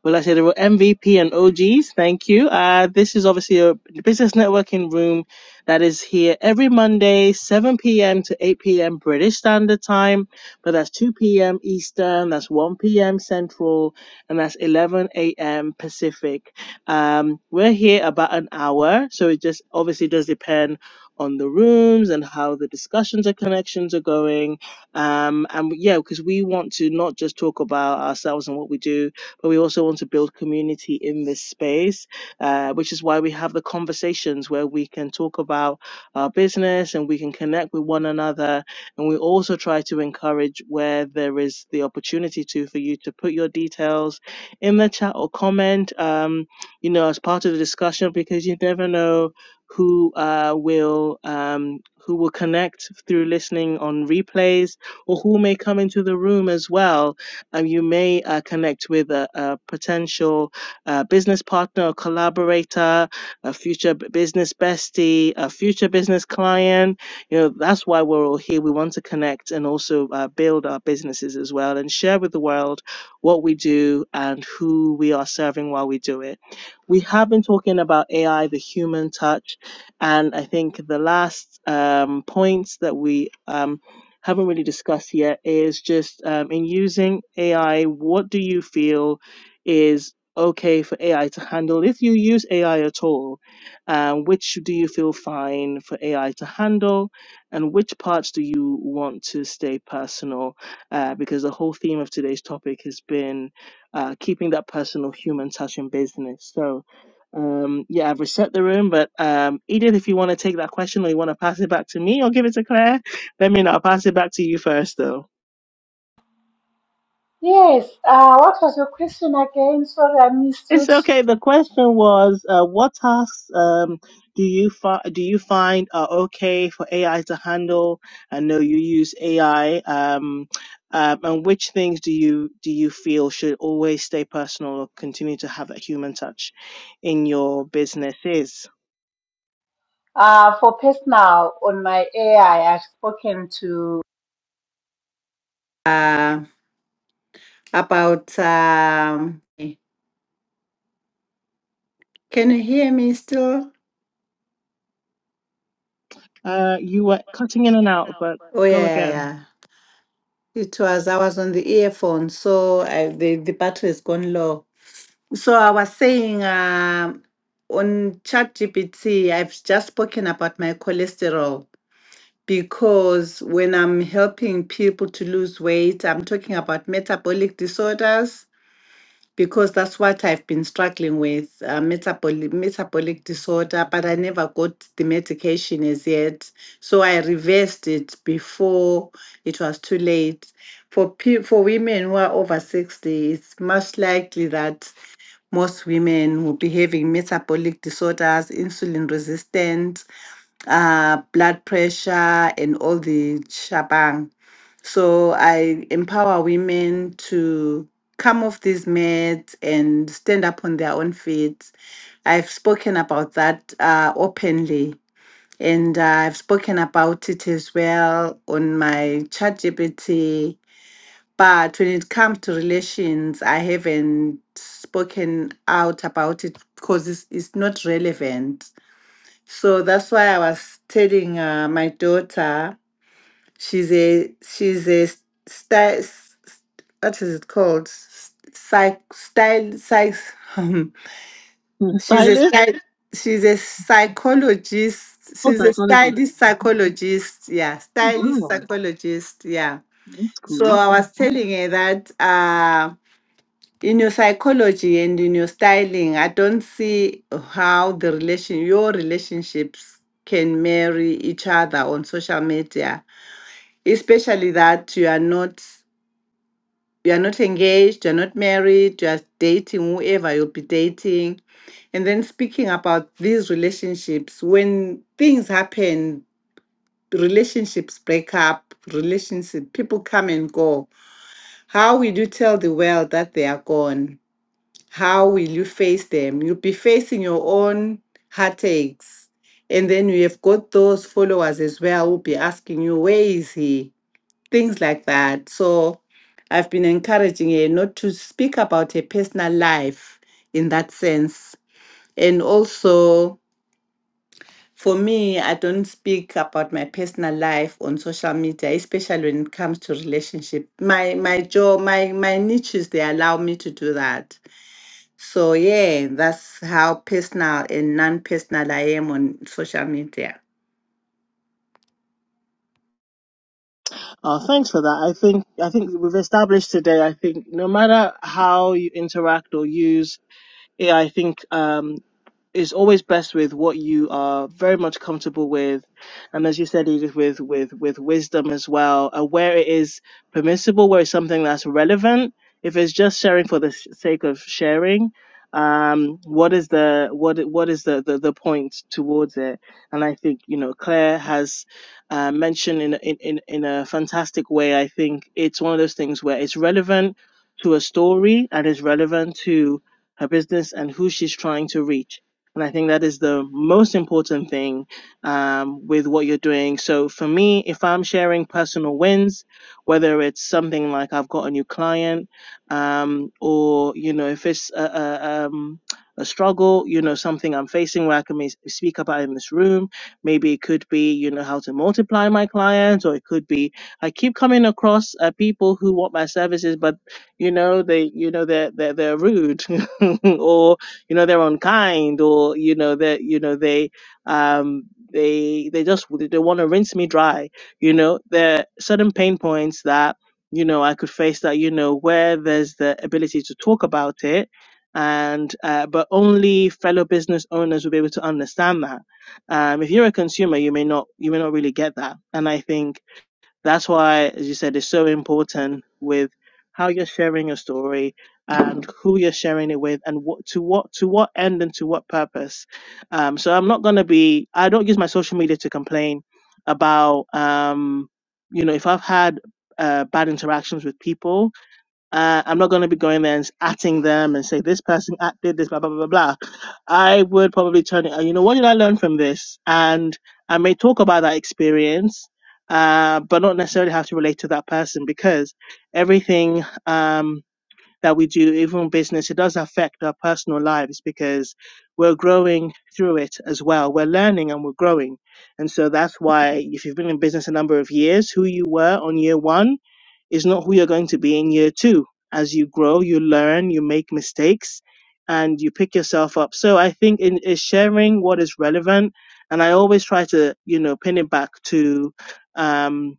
well, I say the real MVP and OGs. Thank you. Uh, this is obviously a business networking room that is here every Monday, 7 p.m. to 8 p.m. British Standard Time, but that's 2 p.m. Eastern, that's 1 p.m. Central, and that's 11 a.m. Pacific. Um, we're here about an hour, so it just obviously does depend on the rooms and how the discussions and connections are going. Um, and yeah, because we want to not just talk about ourselves and what we do, but we also want to build community in this space, uh, which is why we have the conversations where we can talk about our business and we can connect with one another. And we also try to encourage where there is the opportunity to for you to put your details in the chat or comment, um, you know, as part of the discussion, because you never know who uh, will um, who will connect through listening on replays, or who may come into the room as well. Um, you may uh, connect with a, a potential uh, business partner or collaborator, a future b- business bestie, a future business client. You know that's why we're all here. We want to connect and also uh, build our businesses as well, and share with the world what we do and who we are serving while we do it. We have been talking about AI, the human touch and I think the last um, point that we um, haven't really discussed yet is just um, in using AI, what do you feel is okay for AI to handle if you use AI at all? Um, which do you feel fine for AI to handle? And which parts do you want to stay personal? Uh, because the whole theme of today's topic has been uh, keeping that personal human touch in business. So, um, yeah, I've reset the room, but um, Edith, if you want to take that question or you want to pass it back to me or give it to Claire, let me know. I'll pass it back to you first, though.
Yes. Uh, what was your question again? Sorry, I missed
It's
it.
okay. The question was, uh, what tasks um, do you fi- do you find are okay for AI to handle? I know you use AI, um, um, and which things do you do you feel should always stay personal or continue to have that human touch in your businesses?
Uh, for personal on my AI, I've spoken to uh, about. Um, can you hear me still?
Uh, you were cutting in and out, but
Oh
go
yeah, yeah.
again.
yeah. It was I was on the earphone, so I, the the battery has gone low. So I was saying um, on ChatGPT, I've just spoken about my cholesterol because when I'm helping people to lose weight, I'm talking about metabolic disorders because that's what I've been struggling with uh, metabolic, metabolic disorder, but I never got the medication as yet. So I reversed it before it was too late. For, pe- for women who are over 60, it's much likely that most women will be having metabolic disorders, insulin resistant, uh, blood pressure, and all the shabang. So I empower women to come off these meds and stand up on their own feet. I've spoken about that uh, openly, and uh, I've spoken about it as well on my ChatGPT. But when it comes to relations, I haven't spoken out about it because it's, it's not relevant so that's why I was telling uh, my daughter, she's a she's a style what is it called? S- Psych style psych. Um,
Mm,
she's a
Stylist
style, she's a psychologist.
or
She's a
psychologist?
stylist psychologist. Yeah, stylist
Wow,
psychologist. Yeah.
that's
So
cool.
I was telling her that. Um, in your psychology and in your styling, I don't see how the relation your relationships can marry each other on social media, especially that you are not you are not engaged, you're not married, you're dating whoever you'll be dating. And then speaking about these relationships, when things happen, relationships break up, relationship people come and go. How will you tell the world that they are gone? How will you face them? You'll be facing your own heartaches. And then you have got those followers as well who'll be asking you, where is he? Things like that. So I've been encouraging her not to speak about her personal life in that sense. And also, for me, I don't speak about my personal life on social media, especially when it comes to relationship. My my job, my my niches, they allow me to do that so yeah, that's how personal and non personal I am on social media.
Oh, thanks for that. I think I think we've established today. I think no matter how you interact or use AI, I I think um, is always best with what you are very much comfortable with and as you said edith with with with wisdom as well uh, where it is permissible where it's something that's relevant if it's just sharing for the s- sake of sharing um what is the what i- what is the the, the point towards it and i think you know claire has uh, mentioned in, a- in in in a fantastic way i think it's one of those things where it's relevant to a story and is relevant to her business and who she's trying to reach and I think that is the most important thing um, with what you're doing. So for me, if I'm sharing personal wins, whether it's something like I've got a new client, um, or you know, if it's a, a, um, a struggle, you know, something I'm facing where I can may- speak about in this room. Maybe it could be you know how to multiply my clients, or it could be I keep coming across uh, people who want my services, but you know they you know they're they're, they're rude, or you know, their own kind, or you know that you know they um, they they just they want to rinse me dry. You know, there are certain pain points that you know I could face that you know where there's the ability to talk about it. And uh, but only fellow business owners will be able to understand that. Um, if you're a consumer, you may not you may not really get that. And I think that's why, as you said, it's so important with how you're sharing your story and who you're sharing it with and what to what to what end and to what purpose. Um, so I'm not gonna be I don't use my social media to complain about um, you know if I've had uh, bad interactions with people uh, I'm not going to be going there and s- atting them and say this person at- did this, blah blah blah blah. blah." I would probably turn it. uh, You know, what did I learn from this? And I may talk about that experience, uh, but not necessarily have to relate to that person because everything um, that we do, even business, it does affect our personal lives because we're growing through it as well. We're learning and we're growing, and so that's why if you've been in business a number of years, who you were on year one is not who you're going to be in year two. As you grow, you learn, you make mistakes, and you pick yourself up. So I think in is sharing what is relevant, and I always try to you know pin it back to. Um,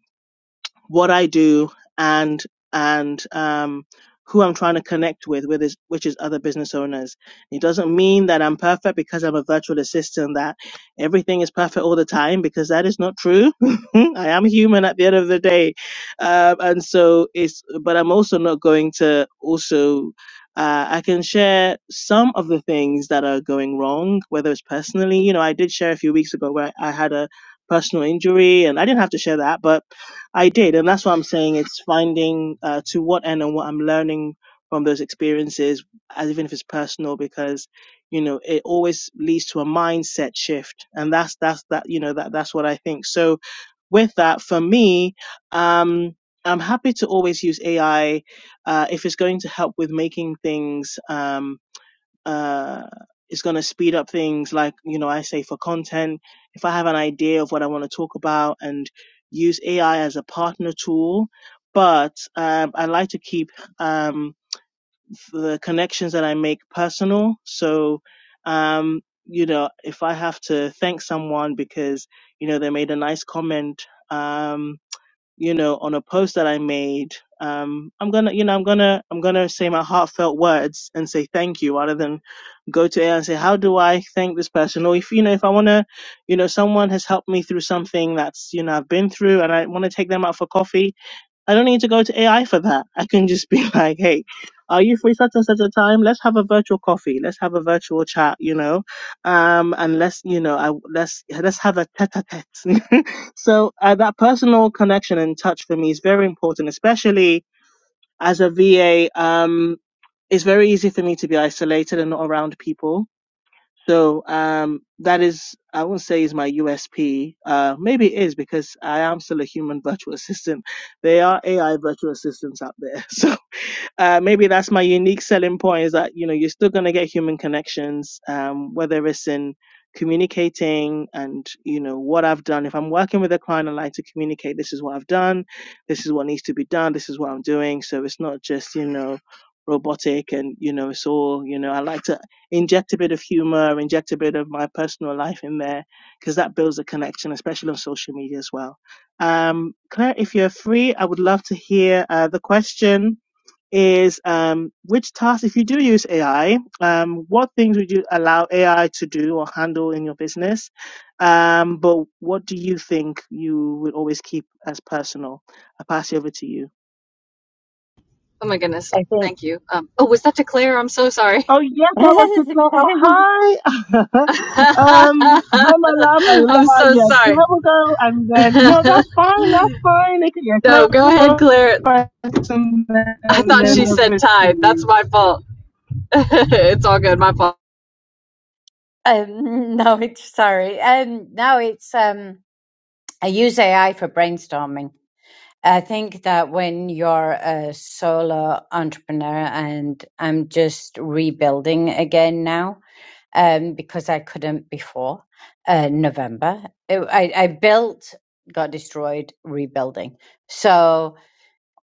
what I do and and um, who I'm trying to connect with, with is, which is other business owners. It doesn't mean that I'm perfect because I'm a virtual assistant, that everything is perfect all the time, because that is not true. I am human at the end of the day. Um, and so it's, but I'm also not going to also, uh, I can share some of the things that are going wrong, whether it's personally, you know, I did share a few weeks ago where I had a personal injury and I didn't have to share that, but I did, and that's what I'm saying. It's finding uh, to what end and what I'm learning from those experiences, as even if it's personal, because you know it always leads to a mindset shift, and that's that's that you know that that's what I think. So with that, for me, um, I'm happy to always use AI uh, if it's going to help with making things. Um, uh, it's going to speed up things like you know i say for content if i have an idea of what i want to talk about and use ai as a partner tool but um, i like to keep um, the connections that i make personal so um, you know if i have to thank someone because you know they made a nice comment um, you know, on a post that I made, um, I'm gonna, you know, I'm gonna, I'm gonna say my heartfelt words and say thank you rather than go to air and say, how do I thank this person? Or if, you know, if I wanna, you know, someone has helped me through something that's, you know, I've been through and I wanna take them out for coffee, I don't need to go to AI for that. I can just be like, hey, are you free such and such a time? Let's have a virtual coffee. Let's have a virtual chat, you know, um, and let's, you know, I, let's let's have a tete-a-tete. so uh, that personal connection and touch for me is very important, especially as a VA. Um, it's very easy for me to be isolated and not around people so um, that is, I wouldn't say is my USP. Uh, maybe it is because I am still a human virtual assistant. There are AI virtual assistants out there. So uh, maybe that's my unique selling point is that you know you're still going to get human connections um, whether it's in communicating and you know what i've done if i'm working with a client i like to communicate this is what i've done this is what needs to be done this is what i'm doing so it's not just you know robotic and you know it's all you know i like to inject a bit of humor inject a bit of my personal life in there because that builds a connection especially on social media as well um claire if you're free i would love to hear uh, the question is um, which tasks, if you do use AI, um, what things would you allow AI to do or handle in your business? Um, but what do you think you would always keep as personal? I'll pass it over to you.
Oh my goodness.
I think.
Thank you. Um, oh, was that to Claire? I'm so sorry.
Oh, yes, that was the plan. Oh, hi. um, hi, my love. I
I'm
love
so
Yeah,
sorry.
clever girl. And then, no, that's fine. That's fine. Okay, Yeah,
no, go
clever
ahead,
girl.
Claire.
first, And then,
I
and
thought
then
she said
over to
tithe. That's
you.
my fault. it's all good. My fault.
Um, no, it's sorry. Um, no, it's um, I use AI for brainstorming. I think that when you're a solo entrepreneur, and I'm just rebuilding again now, um, because I couldn't before uh, November. It, I I built, got destroyed, rebuilding. So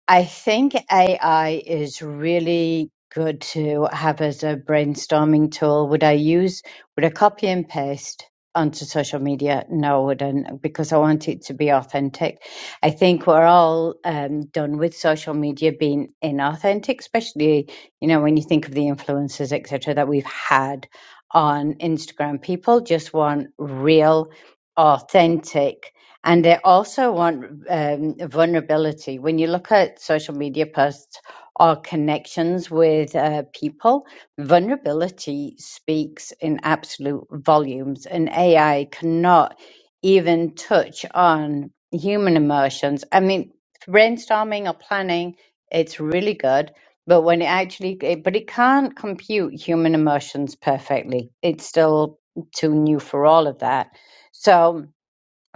I think AI is really good to have as a brainstorming tool. Would I use, would I copy and paste onto social media? No, I wouldn't, because I want it to be authentic. I think we're all um, done with social media being inauthentic, especially, you know, when you think of the influencers, et cetera, that we've had on Instagram. People just want real, authentic and they also want um, vulnerability. When you look at social media posts or connections with uh, people, vulnerability speaks in absolute volumes, and AI cannot even touch on human emotions. I mean, brainstorming or planning, it's really good. But when it actually, it- but it can't compute human emotions perfectly. It's still too new for all of that. So,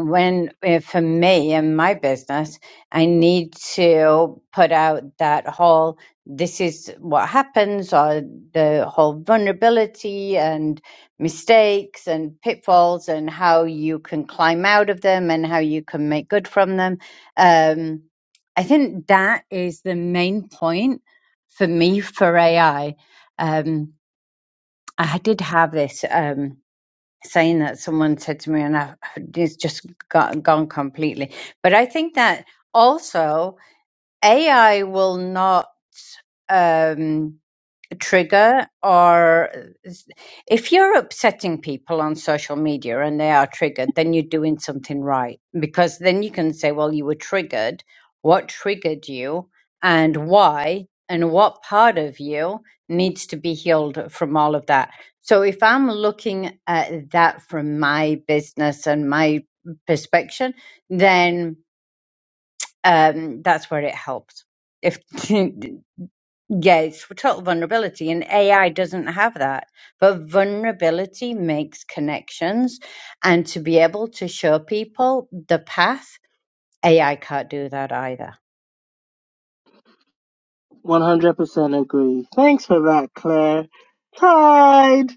when eh, for me and my business, I need to put out that whole this is what happens or the whole vulnerability and mistakes and pitfalls and how you can climb out of them and how you can make good from them. Um, I think that is the main point for me for AI. Um, I did have this. Um, saying that someone said to me and I, it's just got, gone completely but i think that also ai will not um trigger or if you're upsetting people on social media and they are triggered then you're doing something right because then you can say well you were triggered what triggered you and why and what part of you needs to be healed from all of that so if i'm looking at that from my business and my perspective then um, that's where it helps if Yeah, it's for total vulnerability, and AI doesn't have that. But vulnerability makes connections, and to be able to show people the path, AI can't do that either.
100% agree. Thanks for that, Claire. Tide,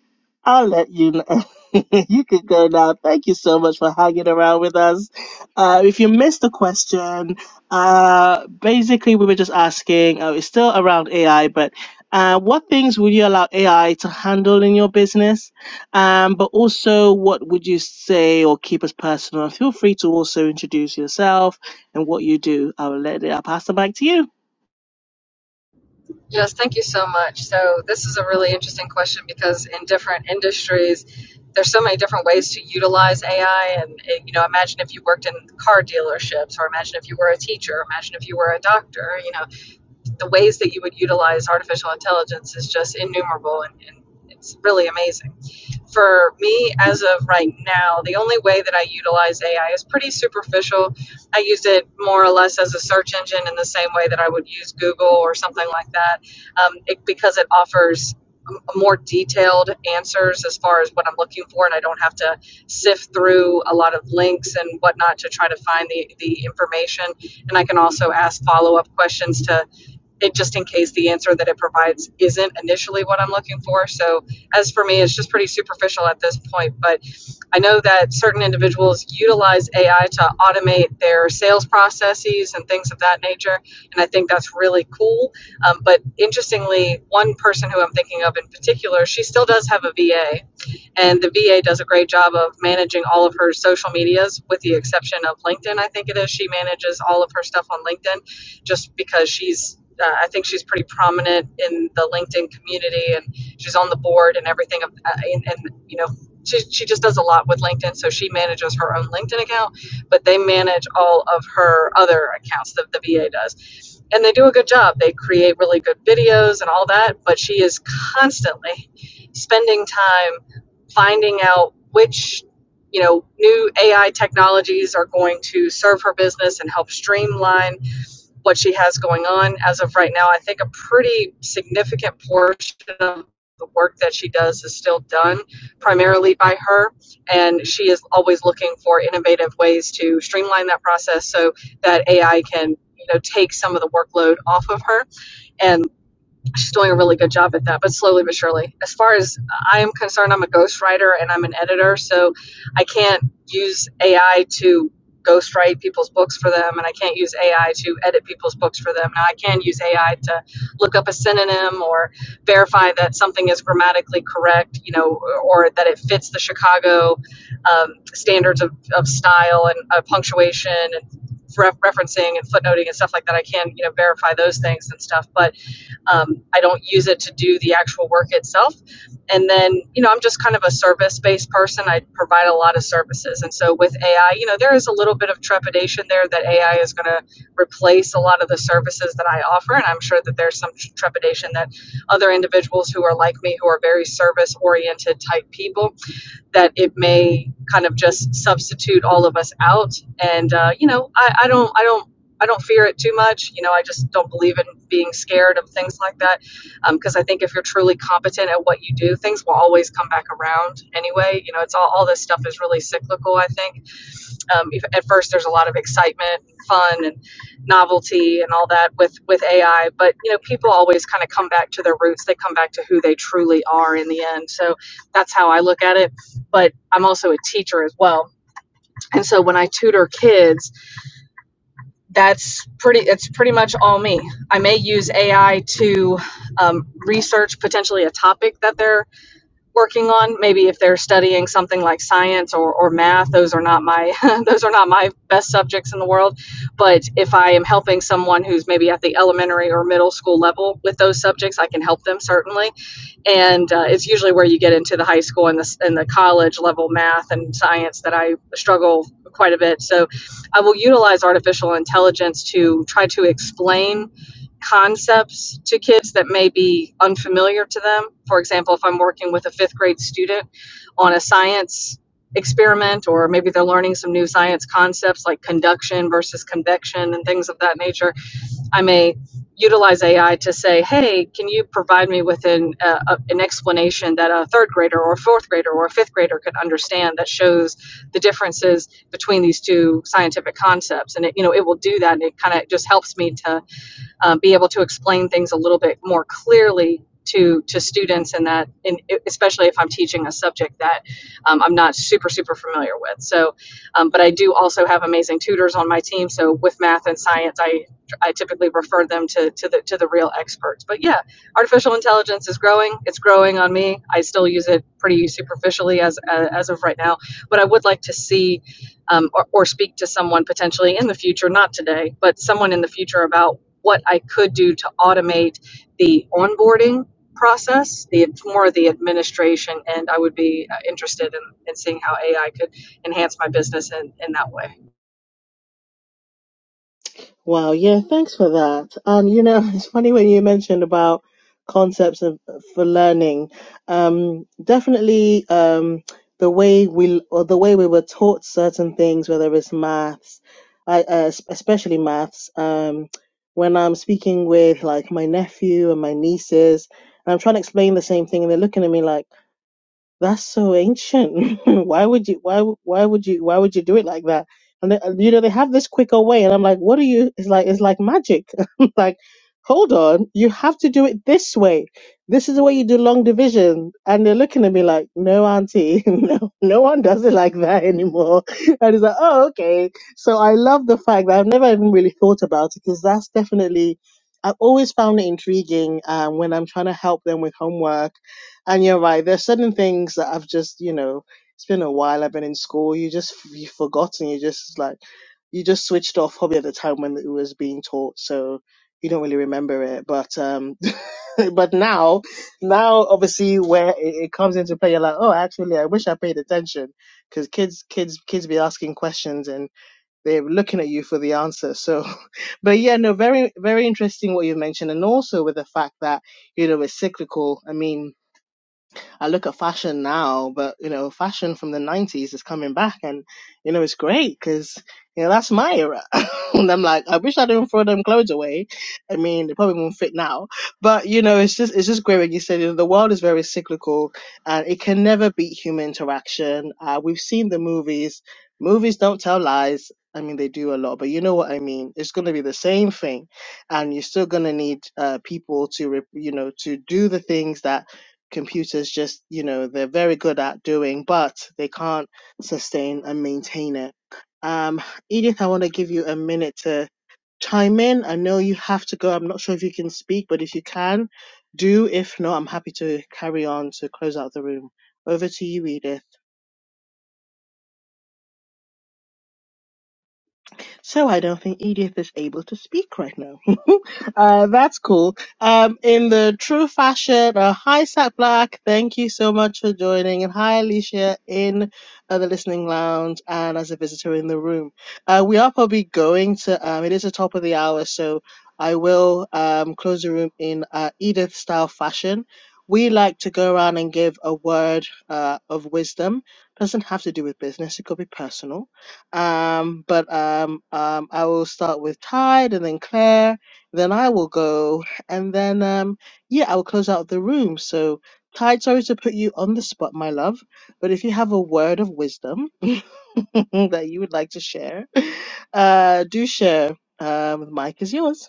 I'll let you know. you can go now. Thank you so much for hanging around with us. Uh, if you missed the question, uh, basically we were just asking, uh, it's still around AI, but uh, what things would you allow AI to handle in your business? Um, but also, what would you say or keep as personal? Feel free to also introduce yourself and what you do. I'll let it, I'll pass the mic to you.
Yes, thank you so much. So, this is a really interesting question because in different industries, there's so many different ways to utilize AI. And, eh, you know, imagine if you worked in car dealerships, or imagine if you were a teacher, imagine if you were a doctor, you know, the ways that you would utilize artificial intelligence is just innumerable and, and it's really amazing. For me, as of right now, the only way that I utilize AI is pretty superficial. I use it more or less as a search engine in the same way that I would use Google or something like that um, it, because it offers m- more detailed answers as far as what I'm looking for, and I don't have to sift through a lot of links and whatnot to try to find the, the information. And I can also ask follow up questions to it just in case the answer that it provides isn't initially what I'm looking for. So, as for me, it's just pretty superficial at this point. But I know that certain individuals utilize AI to automate their sales processes and things of that nature. And I think that's really cool. Um, but interestingly, one person who I'm thinking of in particular, she still does have a VA. And the VA does a great job of managing all of her social medias, with the exception of LinkedIn, I think it is. She manages all of her stuff on LinkedIn just because she's, uh, I think she's pretty prominent in the LinkedIn community and she's on the board and everything. uh, and, and, you know, she, she just does a lot with LinkedIn. So she manages her own LinkedIn account, but they manage all of her other accounts that the VA does and they do a good job. They create really good videos and all that, but she is constantly spending time finding out which, you know, new AI technologies are going to serve her business and help streamline what she has going on. As of right now, I think a pretty significant portion of the work that she does is still done primarily by her, and she is always looking for innovative ways to streamline that process so that AI can. You know, take some of the workload off of her, and she's doing a really good job at that, but slowly but surely. As far as I am concerned, I'm a ghostwriter and I'm an editor, so I can't use AI to ghostwrite people's books for them, and I can't use AI to edit people's books for them. Now, I can use AI to look up a synonym or verify that something is grammatically correct, you know, or that it fits the Chicago um, standards of, of style and uh, punctuation and referencing and footnoting and stuff like that. I can, you know, verify those things and stuff, but um, I don't use it to do the actual work itself. And then, you know, I'm just kind of a service based person. I provide a lot of services. And so with AI, you know, there is a little bit of trepidation there that AI is going to replace a lot of the services that I offer. And I'm sure that there's some trepidation that other individuals who are like me, who are very service oriented type people, that it may kind of just substitute all of us out. And uh, you know, I, I don't, I don't, I don't fear it too much. You know, I just don't believe in being scared of things like that because I think if you're truly competent at what you do, things will always come back around anyway. You know, it's all all this stuff is really cyclical. I think um, at first, there's a lot of excitement, and fun, and novelty, and all that with with AI. But you know, people always kind of come back to their roots. They come back to who they truly are in the end. So that's how I look at it. But I'm also a teacher as well, and so when I tutor kids, that's pretty. It's pretty much all me. I may use AI to um, research potentially a topic that they're working on maybe if they're studying something like science or, or math those are not my those are not my best subjects in the world but if i am helping someone who's maybe at the elementary or middle school level with those subjects i can help them certainly and uh, it's usually where you get into the high school and the, and the college level math and science that I struggle quite a bit. So I will utilize artificial intelligence to try to explain concepts to kids that may be unfamiliar to them. For example, if I'm working with a fifth grade student on a science experiment, or maybe they're learning some new science concepts like conduction versus convection and things of that nature, I may utilize AI to say, hey, can you provide me with an, uh, a- an explanation that a third grader or a fourth grader or a fifth grader could understand that shows the differences between these two scientific concepts? And it, you know, it will do that and it kind of just helps me to um, be able to explain things a little bit more clearly to to students and that in, especially if i'm teaching a subject that um, i'm not super super familiar with so um, but i do also have amazing tutors on my team so with math and science i i typically refer them to to the to the real experts but yeah artificial intelligence is growing it's growing on me i still use it pretty superficially as as, of right now but i would like to see um, or, or speak to someone potentially in the future not today but someone in the future about what I could do to automate the onboarding process, the more of the administration, and I would be uh, interested in, in seeing how AI could enhance my business in, in that way.
Wow, yeah, thanks for that. And you know, it's funny when you mentioned about concepts of, for learning. Um, definitely, um, the way we or the way we were taught certain things, whether it's maths, I, uh, es- especially maths. Um, when I'm speaking with like my nephew and my nieces, and I'm trying to explain the same thing, and they're looking at me like that's so ancient. why would you? Why? Why would you? Why would you do it like that? And they, you know they have this quicker way, and I'm like, what are you? It's like it's like magic. I'm like, hold on, you have to do it this way. This is the way you do long division. And they're looking at me like, no, auntie, no, no one does it like that anymore. And it's like, oh, okay. So I love the fact that I've never even really thought about it because that's definitely. I've always found it intriguing um, when I'm trying to help them with homework and you're right. There's certain things that I've just, you know, it's been a while. I've been in school. You just you've forgotten. You just like you just switched off probably at the time when it was being taught, so you don't really remember it. But um, but now, now obviously where it, it comes into play, you're like, oh, actually, I wish I paid attention because kids, kids, kids be asking questions and they're looking at you for the answer. So, but yeah, no, very, very interesting what you mentioned, and also with the fact that you know it's cyclical. I mean I look at fashion now, but you know, fashion from the 90s is coming back and you know, it's great because you know, that's my era. and I'm like, I wish I didn't throw them clothes away. I mean, they probably won't fit now, but you know, it's just, it's just great when you said you know, the world is very cyclical and it can never beat human interaction. Uh, we've seen the movies. Movies don't tell lies. I mean, they do a lot, but you know what I mean. It's going to be the same thing and you're still going to need uh, people to re- you know to do the things that computers just you know they're very good at doing but they can't sustain and maintain it um edith i want to give you a minute to chime in i know you have to go i'm not sure if you can speak but if you can do if not i'm happy to carry on to close out the room over to you edith So I don't think Edith is able to speak right now. uh, that's cool. Um, in the true fashion, uh, hi Sat Black, thank you so much for joining, and hi Alicia in uh, the listening lounge and as a visitor in the room. Uh, we are probably going to. Um, it is the top of the hour, so I will um, close the room in uh, Edith style fashion. We like to go around and give a word uh, of wisdom. Doesn't have to do with business; it could be personal um, but um, um, I will start with Tide and then Claire, then I will go, and then um, yeah, I will close out the room. So, Tide, sorry to put you on the spot, my love, but if you have a word of wisdom that you would like to share, uh, do share. Um, the mic is yours.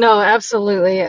No, absolutely.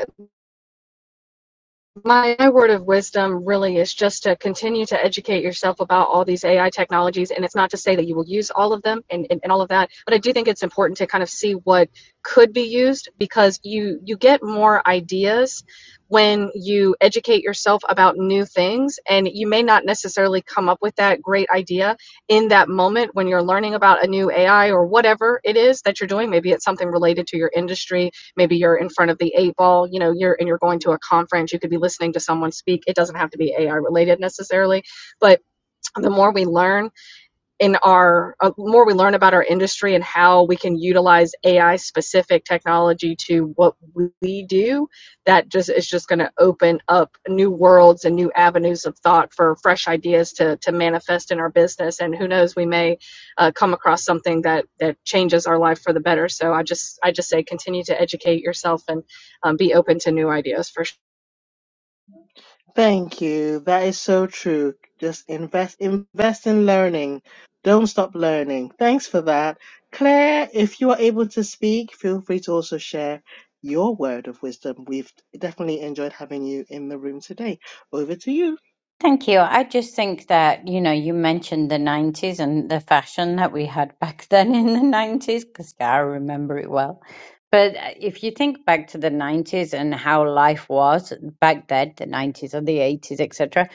my, word of wisdom really is just to continue to educate yourself about all these AI technologies. And it's not to say that you will use all of them and, and, and all of that, but I do think it's important to kind of see what could be used because you you get more ideas when you educate yourself about new things and you may not necessarily come up with that great idea in that moment when you're learning about a new AI or whatever it is that you're doing maybe it's something related to your industry maybe you're in front of the eight ball you know you're and you're going to a conference you could be listening to someone speak it doesn't have to be ai related necessarily but the more we learn in our uh, more we learn about our industry and how we can utilize AI specific technology to what we do, that just is just going to open up new worlds and new avenues of thought for fresh ideas to to manifest in our business. And who knows, we may uh, come across something that that changes our life for the better. So I just I just say continue to educate yourself and um, be open to new ideas for sure.
Thank you. That is so true. Just invest invest in learning. Don't stop learning. Thanks for that. Claire, if you are able to speak, feel free to also share your word of wisdom. We've definitely enjoyed having you in the room today. Over to you.
Thank you. I just think that, you know, you mentioned the 90s and the fashion that we had back then in the 90s, because I remember it well. But uh, if you think back to the 90s and how life was back then, the 90s or the 80s, etc.,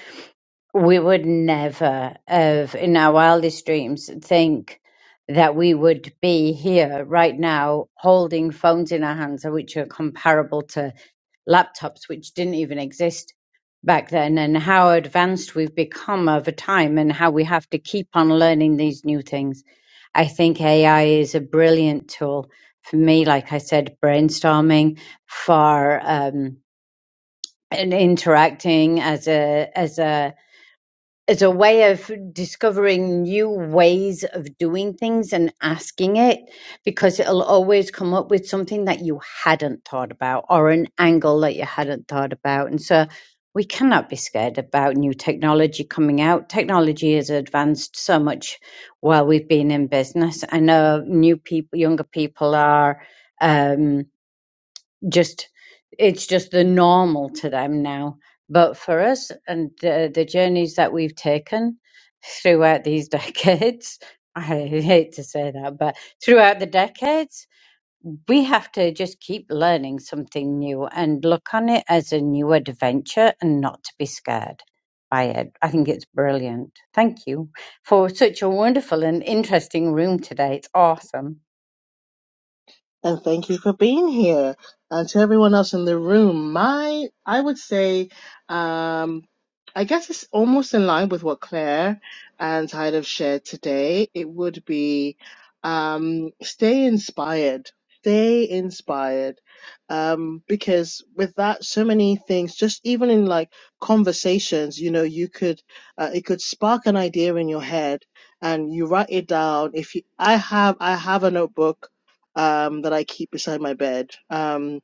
we would never have in our wildest dreams think that we would be here right now holding phones in our hands which are comparable to laptops which didn't even exist back then and how advanced we've become over time and how we have to keep on learning these new things i think ai is a brilliant tool for me like i said brainstorming for um and interacting as a as a as a way of discovering new ways of doing things and asking it because it'll always come up with something that you hadn't thought about or an angle that you hadn't thought about and so we cannot be scared about new technology coming out technology has advanced so much while we've been in business i know new people younger people are um just it's just the normal to them now. But for us and the, the journeys that we've taken throughout these decades, I hate to say that, but throughout the decades, we have to just keep learning something new and look on it as a new adventure and not to be scared by it. I think it's brilliant. Thank you for such a wonderful and interesting room today. It's awesome.
and thank you for being here. And to everyone else in the room, my I would say, um, I guess it's almost in line with what Claire and Tide have shared today. It would be um, stay inspired. Stay inspired. Um, because with that, so many things, just even in like conversations, you know, you could, uh, it could spark an idea in your head and you write it down. If you, I have, I have a notebook um, that I keep beside my bed um,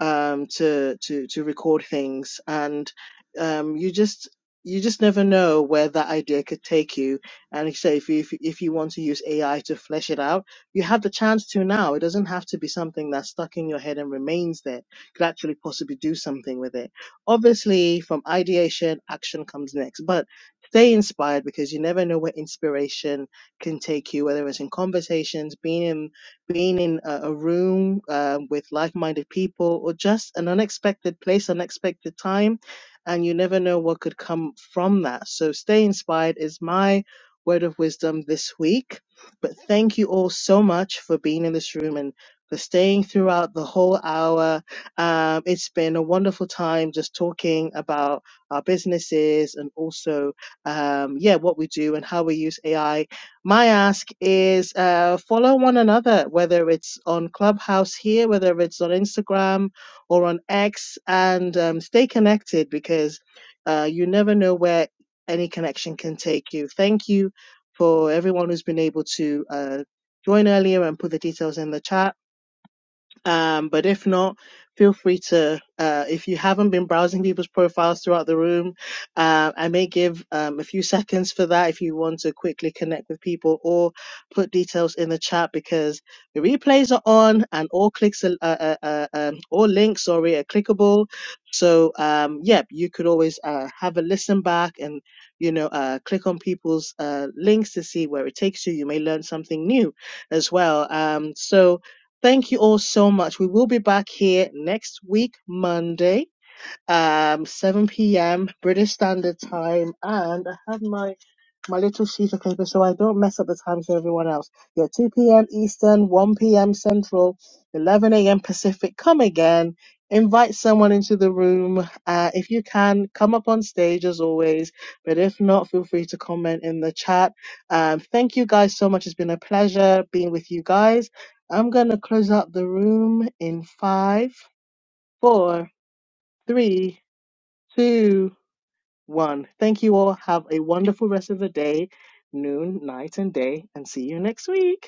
um, to to to record things, and um, you just you just never know where that idea could take you. And like you say if you if, you- if you want to use AI to flesh it out, you have the chance to now. It doesn't have to be something that's stuck in your head and remains there. You could actually possibly do something with it. Obviously, from ideation, action comes next, but stay inspired because you never know where inspiration can take you whether it's in conversations being in being in a, a room uh, with like-minded people or just an unexpected place unexpected time and you never know what could come from that so stay inspired is my word of wisdom this week but thank you all so much for being in this room and for staying throughout the whole hour um, it's been a wonderful time just talking about our businesses and also um, yeah what we do and how we use ai my ask is uh, follow one another, whether it's on Clubhouse here, whether it's on Instagram or on X, and um, stay connected because uh, you never know where any connection can take you. Thank you for everyone who's been able to uh, join earlier and put the details in the chat um, but if not, feel free to, uh, if you haven't been browsing people's profiles throughout the room, uh, I may give um, a few seconds for that if you want to quickly connect with people or put details in the chat because the replays are on and all clicks, are, uh, uh, uh, um, all links, sorry, are clickable. So, um, yeah, you could always uh, have a listen back and, you know, uh, click on people's uh, links to see where it takes you. You may learn something new as well. Um, so, Thank you all so much. We will be back here next week, Monday um 7 p.m. British Standard Time, and I have my my little sheet of paper so I don't mess up the times for everyone else. Yeah, 2 p.m. Eastern, 1 p.m. Central, 11 a.m. Pacific. Come again. Invite someone into the room. Uh, if you can, come up on stage as always. But if not, feel free to comment in the chat. Um, thank you guys so much. It's been a pleasure being with you guys. I'm going to close out the room in five, four, three, two, one. Thank you all. Have a wonderful rest of the day, noon, night, and day, and see you next week.